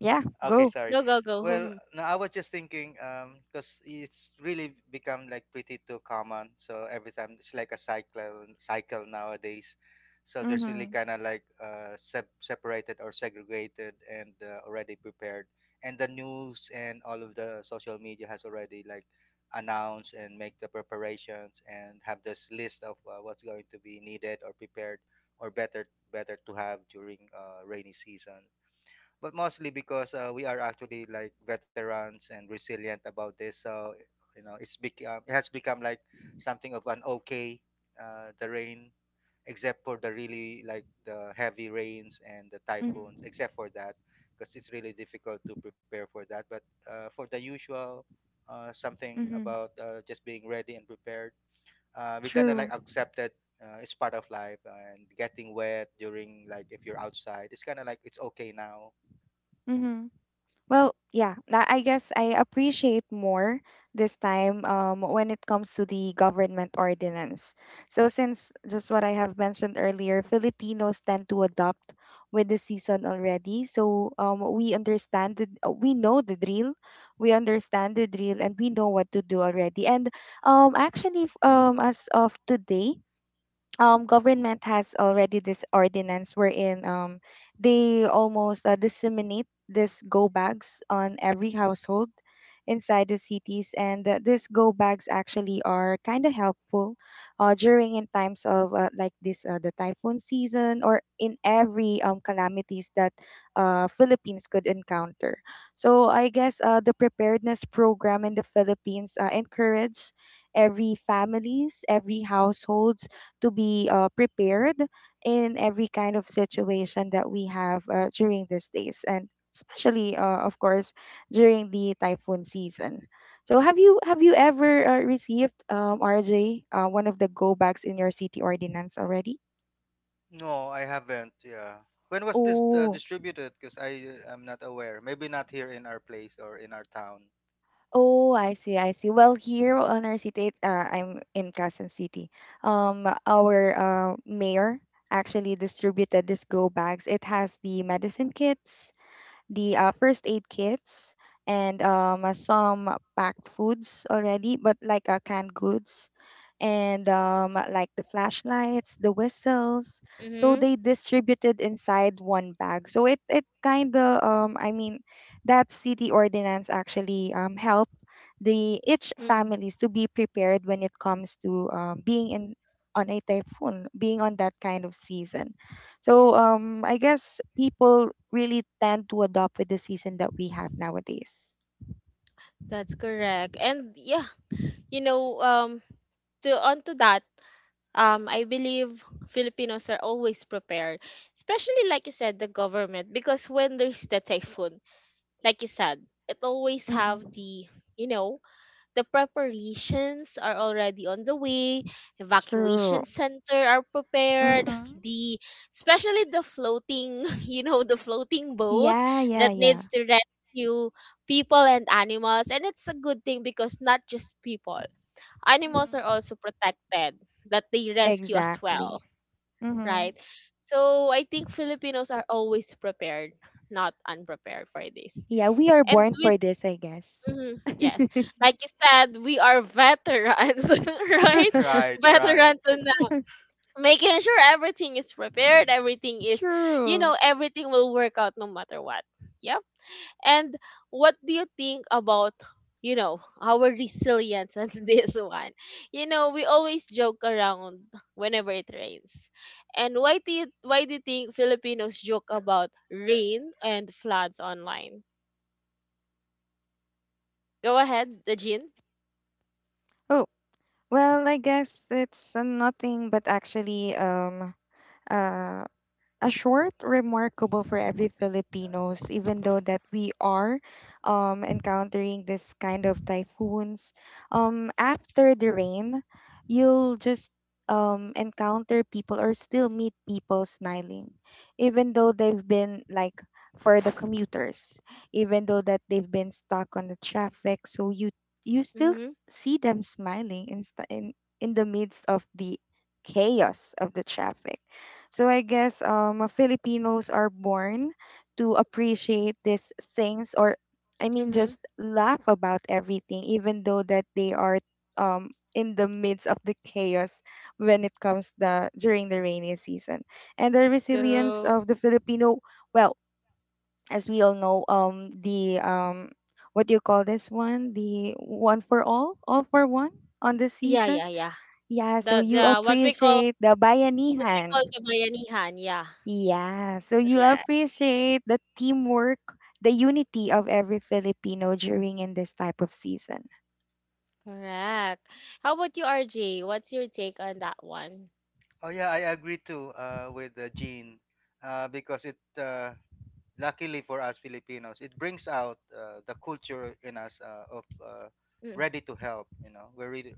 [SPEAKER 2] Yeah,
[SPEAKER 3] Okay,
[SPEAKER 2] go.
[SPEAKER 3] sorry.
[SPEAKER 1] Go, go,
[SPEAKER 3] Well,
[SPEAKER 1] go.
[SPEAKER 3] no, I was just thinking, um, because it's really become like pretty too common. So every time it's like a cycle cycle nowadays. So there's really
[SPEAKER 2] Mhm.
[SPEAKER 3] kind of like, uh, sep- separated or segregated and uh, already prepared. And the news and all of the social media has already like announced and make the preparations and have this list of uh, what's going to be needed or prepared, or better better to have during uh, rainy season. But mostly because uh, we are actually like veterans and resilient about this, so you know, it's become, it has become like something of an okay, uh, the rain, except for the really like the heavy rains and the
[SPEAKER 2] Mhm.
[SPEAKER 3] typhoons, except for that, because it's really difficult to prepare for that. But uh, for the usual, uh, something
[SPEAKER 2] Mhm.
[SPEAKER 3] about uh, just being ready and prepared, uh, we kind of
[SPEAKER 2] True.
[SPEAKER 3] like accepted uh, it's part of life, and getting wet during, like if you're outside, it's kind of like it's okay now.
[SPEAKER 2] Mm-hmm. Well, yeah, tha- I guess I appreciate more this time um, when it comes to the government ordinance. So, since just what I have mentioned earlier, Filipinos tend to adopt with the season already. So, um, we understand, the, uh, we know the drill, we understand the drill, and we know what to do already. And um, actually, f- um, as of today, um government has already this ordinance wherein um they almost uh, disseminate these go bags on every household inside the cities and uh, these go bags actually are kind of helpful uh, during in times of uh, like this uh, the typhoon season or in every um, calamities that uh, philippines could encounter. So I guess uh, the preparedness program in the philippines uh, encourage every families, every household to be uh, prepared in every kind of situation that we have uh, during these days, and especially uh, of course during the typhoon season. So have you have you ever uh, received, um, RJ, uh, one of the go bags in your city ordinance already?
[SPEAKER 3] No, I haven't. Yeah. When was this uh,
[SPEAKER 2] Oh.
[SPEAKER 3] distributed? Because I am not aware. Maybe not here in our place or in our town.
[SPEAKER 2] Oh, i see i see Well, here on our city, uh, I'm in Quezon city. Um our uh, mayor actually distributed this go bags. It has the medicine kits, the uh, first aid kits, and um, uh, some packed foods already, but like uh, canned goods and um, like the flashlights, the whistles. So
[SPEAKER 1] mm-hmm.
[SPEAKER 2] they distributed inside one bag. So it it kind of um, I mean that city ordinance actually um, help the each
[SPEAKER 1] Mm-mm.
[SPEAKER 2] families to be prepared when it comes to um, being in on a typhoon, being on that kind of season. So um, I guess people really tend to adopt with the season that we have nowadays.
[SPEAKER 1] That's correct. And yeah, you know, um to onto that, um, I believe Filipinos are always prepared, especially like you said, the government, because when there's the typhoon, like you said, it always have
[SPEAKER 2] Mm-hmm.
[SPEAKER 1] the, you know the preparations are already on the way,
[SPEAKER 2] True.
[SPEAKER 1] evacuation center are prepared,
[SPEAKER 2] Mm-hmm.
[SPEAKER 1] the especially the floating you know the floating boats
[SPEAKER 2] Yeah, yeah,
[SPEAKER 1] that
[SPEAKER 2] yeah.
[SPEAKER 1] needs to rescue people and animals, and it's a good thing because not just people. Animals are
[SPEAKER 2] Mm-hmm.
[SPEAKER 1] also protected that they rescue as
[SPEAKER 2] Exactly.
[SPEAKER 1] well,
[SPEAKER 2] Mm-hmm.
[SPEAKER 1] right? So I think Filipinos are always prepared, not unprepared for this.
[SPEAKER 2] Yeah, we are
[SPEAKER 1] And
[SPEAKER 2] born
[SPEAKER 1] with
[SPEAKER 2] for this, I guess.
[SPEAKER 1] mhm, yes, like you said, we are veterans, right?
[SPEAKER 3] Right, right.
[SPEAKER 1] Veterans, and uh, making sure everything is prepared, everything is, you
[SPEAKER 2] True.
[SPEAKER 1] know, everything will work out no matter what. Yep. And what do you think about, you know, our resilience on this one? You know, we always joke around whenever it rains. And why do you why do you think Filipinos joke about rain and floods online? Go ahead, the Jean.
[SPEAKER 2] Oh, well, I guess it's uh, nothing but actually um uh a short remarkable for every Filipinos, even though that we are um, encountering this kind of typhoons. Um, after the rain, you'll just um, encounter people or still meet people smiling, even though they've been like, for the commuters, even though that they've been stuck on the traffic. So you you still
[SPEAKER 1] Mm-hmm.
[SPEAKER 2] see them smiling in st- in, in the midst of the chaos of the traffic. So I guess um uh, Filipinos are born to appreciate these things, or I mean
[SPEAKER 1] Mm-hmm.
[SPEAKER 2] just laugh about everything even though that they are um in the midst of the chaos when it comes the during the rainy season. And the resilience
[SPEAKER 1] True.
[SPEAKER 2] of the Filipino, well, as we all know, um the um what do you call this one? The one for all, all for one on the
[SPEAKER 1] Yeah,
[SPEAKER 2] season.
[SPEAKER 1] yeah, yeah.
[SPEAKER 2] Yeah, so
[SPEAKER 1] The
[SPEAKER 2] you
[SPEAKER 1] the what we call
[SPEAKER 2] appreciate the
[SPEAKER 1] what we call
[SPEAKER 2] bayanihan.
[SPEAKER 1] the bayanihan, yeah.
[SPEAKER 2] Yeah, so you
[SPEAKER 1] Correct.
[SPEAKER 2] appreciate the teamwork, the unity of every Filipino during in this type of season.
[SPEAKER 1] Correct. How about you, R J? What's your take on that one?
[SPEAKER 3] Oh yeah, I agree too, uh, with uh, Gene, uh, because it uh, luckily for us Filipinos, it brings out uh, the culture in us, uh, of uh,
[SPEAKER 1] Mm,
[SPEAKER 3] ready to help. You know, we're really,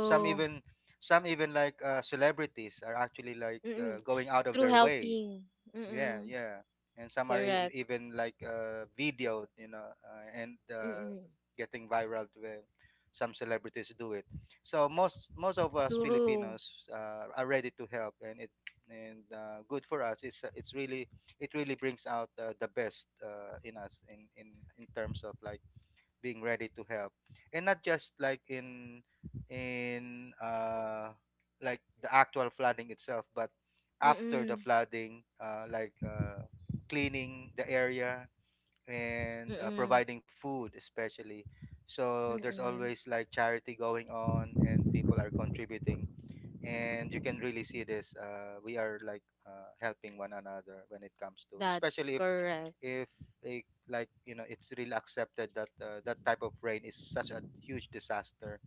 [SPEAKER 3] some even some even like, uh, celebrities are actually like uh, going out of
[SPEAKER 1] Through
[SPEAKER 3] their way.
[SPEAKER 1] helping.
[SPEAKER 3] Yeah,
[SPEAKER 1] Mm,
[SPEAKER 3] yeah. And some are e-
[SPEAKER 1] correct.
[SPEAKER 3] even like, uh, videoed, you know, uh, and uh,
[SPEAKER 1] Mm.
[SPEAKER 3] getting viral when some celebrities do it. So most most of us
[SPEAKER 1] Through
[SPEAKER 3] Filipinos, uh, are ready to help, and it and uh, good for us. It's uh, it's really it really brings out uh, the best uh, in us, in in in terms of like being ready to help, and not just like in, in uh like the actual flooding itself, but after the
[SPEAKER 1] mm,
[SPEAKER 3] flooding, uh, like uh, cleaning the area and uh,
[SPEAKER 1] mm,
[SPEAKER 3] providing food especially. So there's
[SPEAKER 1] mm.
[SPEAKER 3] always like charity going on and people are contributing, and you can really see this, uh, we are like uh, helping one another, when it comes to,
[SPEAKER 1] That's
[SPEAKER 3] especially if
[SPEAKER 1] correct.
[SPEAKER 3] if a, like, you know, it's really accepted that uh, that type of rain is such a huge disaster,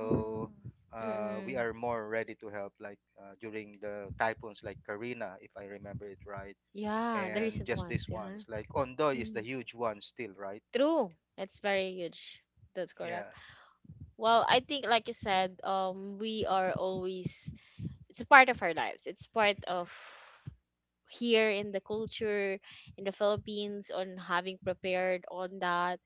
[SPEAKER 2] Hmm.
[SPEAKER 3] uh, we
[SPEAKER 1] Mm.
[SPEAKER 3] are more ready to help, like uh, during the typhoons like Karina, if I remember it right,
[SPEAKER 1] Yeah, the
[SPEAKER 3] and
[SPEAKER 1] recent
[SPEAKER 3] just
[SPEAKER 1] ones,
[SPEAKER 3] these
[SPEAKER 1] yeah.
[SPEAKER 3] ones like Ondoy is the
[SPEAKER 1] Mm.
[SPEAKER 3] huge one still, right?
[SPEAKER 1] True. That's very huge. That's correct.
[SPEAKER 3] Yeah,
[SPEAKER 1] Well, I think, like you said, um we are always, it's a part of our lives. It's part of here in the culture in the Philippines on having prepared on that,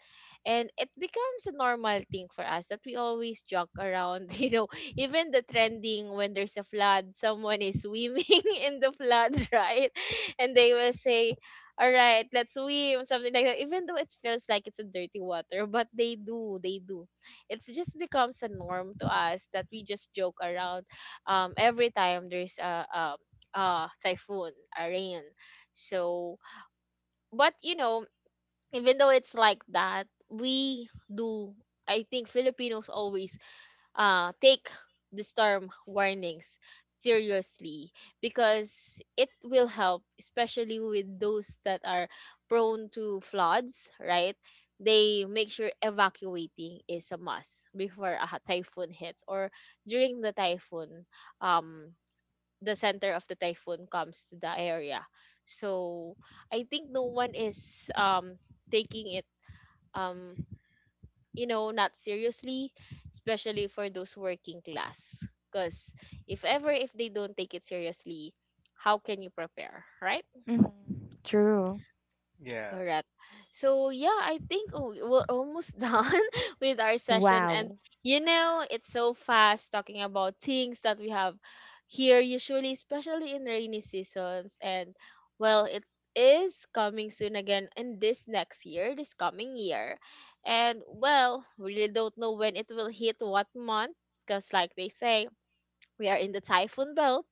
[SPEAKER 1] and it becomes a normal thing for us that we always joke around. You know even the trending when there's a flood, someone is swimming in the flood, right? And they will say, all right, let's swim, something like that, even though it feels like it's a dirty water, but they do, they do it's just becomes a norm to us that we just joke around, um every time there's a, a uh typhoon Irene. So, but you know, even though it's like that, we do. I think Filipinos always uh take the storm warnings seriously, because it will help, especially with those that are prone to floods, right? They make sure evacuating is a must before a typhoon hits, or during the typhoon, um the center of the typhoon comes to the area. So I think no one is um taking it, um you know not seriously, especially for those working class. Because if ever, if they don't take it seriously, how can you prepare, right?
[SPEAKER 2] Hmm. True.
[SPEAKER 3] yeah.
[SPEAKER 1] Correct. So yeah, I think, oh, we're almost done with our session, and
[SPEAKER 2] Wow.
[SPEAKER 1] you know, it's so fast talking about things that we have here usually, especially in rainy seasons. And well, it is coming soon again in this next year, this coming year. And well, we really don't know when it will hit, what month, because like they say, we are in the typhoon belt,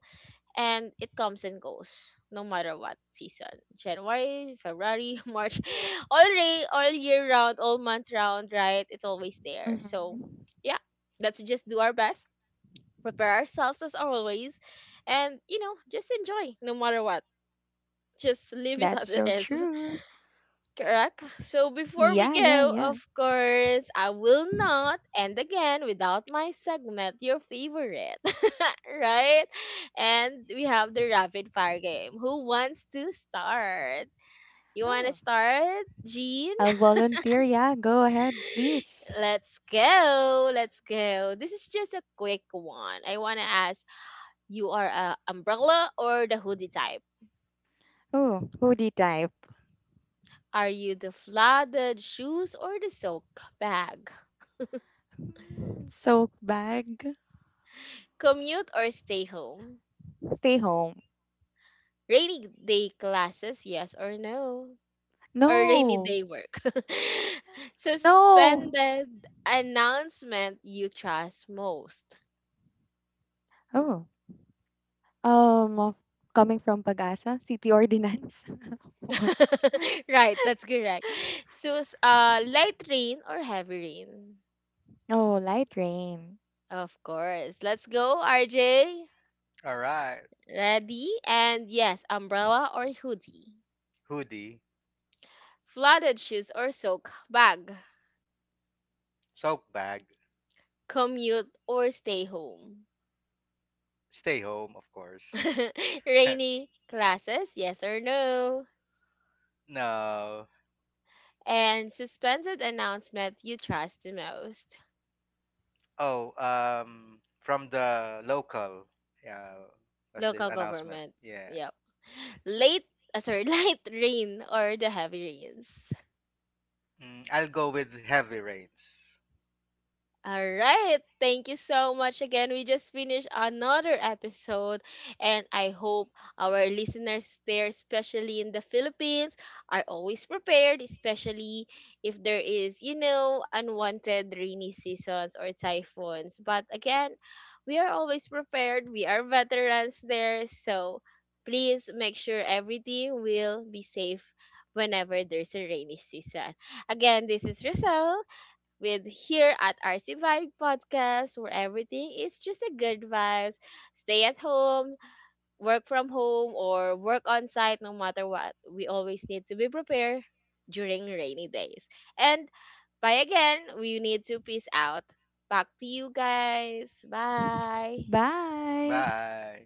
[SPEAKER 1] and it comes and goes no matter what season, january february march All day, all year round, all months round, right? It's always there. So
[SPEAKER 2] Mm-hmm.
[SPEAKER 1] yeah, let's just do our best, prepare ourselves as always, and you know just enjoy no matter what, just leave it as
[SPEAKER 2] That's
[SPEAKER 1] it
[SPEAKER 2] so
[SPEAKER 1] is.
[SPEAKER 2] true.
[SPEAKER 1] Correct. So before we
[SPEAKER 2] Yeah, yeah,
[SPEAKER 1] go,
[SPEAKER 2] yeah.
[SPEAKER 1] of course, I will not end again without my segment, your favorite. right? And we have the rapid fire game. Who wants to start? You want to
[SPEAKER 2] Oh.
[SPEAKER 1] start, Jean?
[SPEAKER 2] I'll volunteer. Yeah, go ahead, please.
[SPEAKER 1] Let's go. Let's go. This is just a quick one. I want to ask, you are a umbrella or the hoodie type?
[SPEAKER 2] Oh, hoodie type.
[SPEAKER 1] Are you the flooded shoes or the soak bag?
[SPEAKER 2] Mm. Soak bag.
[SPEAKER 1] Commute or stay home?
[SPEAKER 2] Stay home.
[SPEAKER 1] Rainy day classes, yes or no, or rainy
[SPEAKER 2] No.
[SPEAKER 1] day work?
[SPEAKER 2] No.
[SPEAKER 1] Suspended announcement you trust most.
[SPEAKER 2] Oh. Um of-, coming from Pagasa, city ordinance. What?
[SPEAKER 1] right, that's correct. So, s- uh, light rain or heavy rain?
[SPEAKER 2] Oh, light rain.
[SPEAKER 1] Of course. Let's go, R J.
[SPEAKER 3] All right.
[SPEAKER 1] Ready? And yes, umbrella or hoodie.
[SPEAKER 3] Hoodie.
[SPEAKER 1] Flooded shoes or soak bag.
[SPEAKER 3] Sock bag.
[SPEAKER 1] Commute or stay home.
[SPEAKER 3] Stay home, of course.
[SPEAKER 1] Rainy classes, yes or no?
[SPEAKER 3] No.
[SPEAKER 1] And suspended announcement you trust the most.
[SPEAKER 3] Oh, um, from the local. Yeah, was this
[SPEAKER 1] Local
[SPEAKER 3] announcement?
[SPEAKER 1] government.
[SPEAKER 3] Yeah.
[SPEAKER 1] Yep. late uh, sorry, light rain or the heavy rains?
[SPEAKER 3] Mm, I'll go with heavy rains.
[SPEAKER 1] All right. Thank you so much again. We just finished another episode, and I hope our listeners there, especially in the Philippines, are always prepared, especially if there is, you know, unwanted rainy seasons or typhoons. But again, we are always prepared. We are veterans there. So please make sure everything will be safe whenever there's a rainy season. Again, this is Roselle with here at R C Vibe Podcast, where everything is just a good vibes. Stay at home, work from home, or work on site, no matter what. We always need to be prepared during rainy days. And bye again, we need to peace out. Back to you guys. Bye.
[SPEAKER 2] Bye.
[SPEAKER 3] Bye.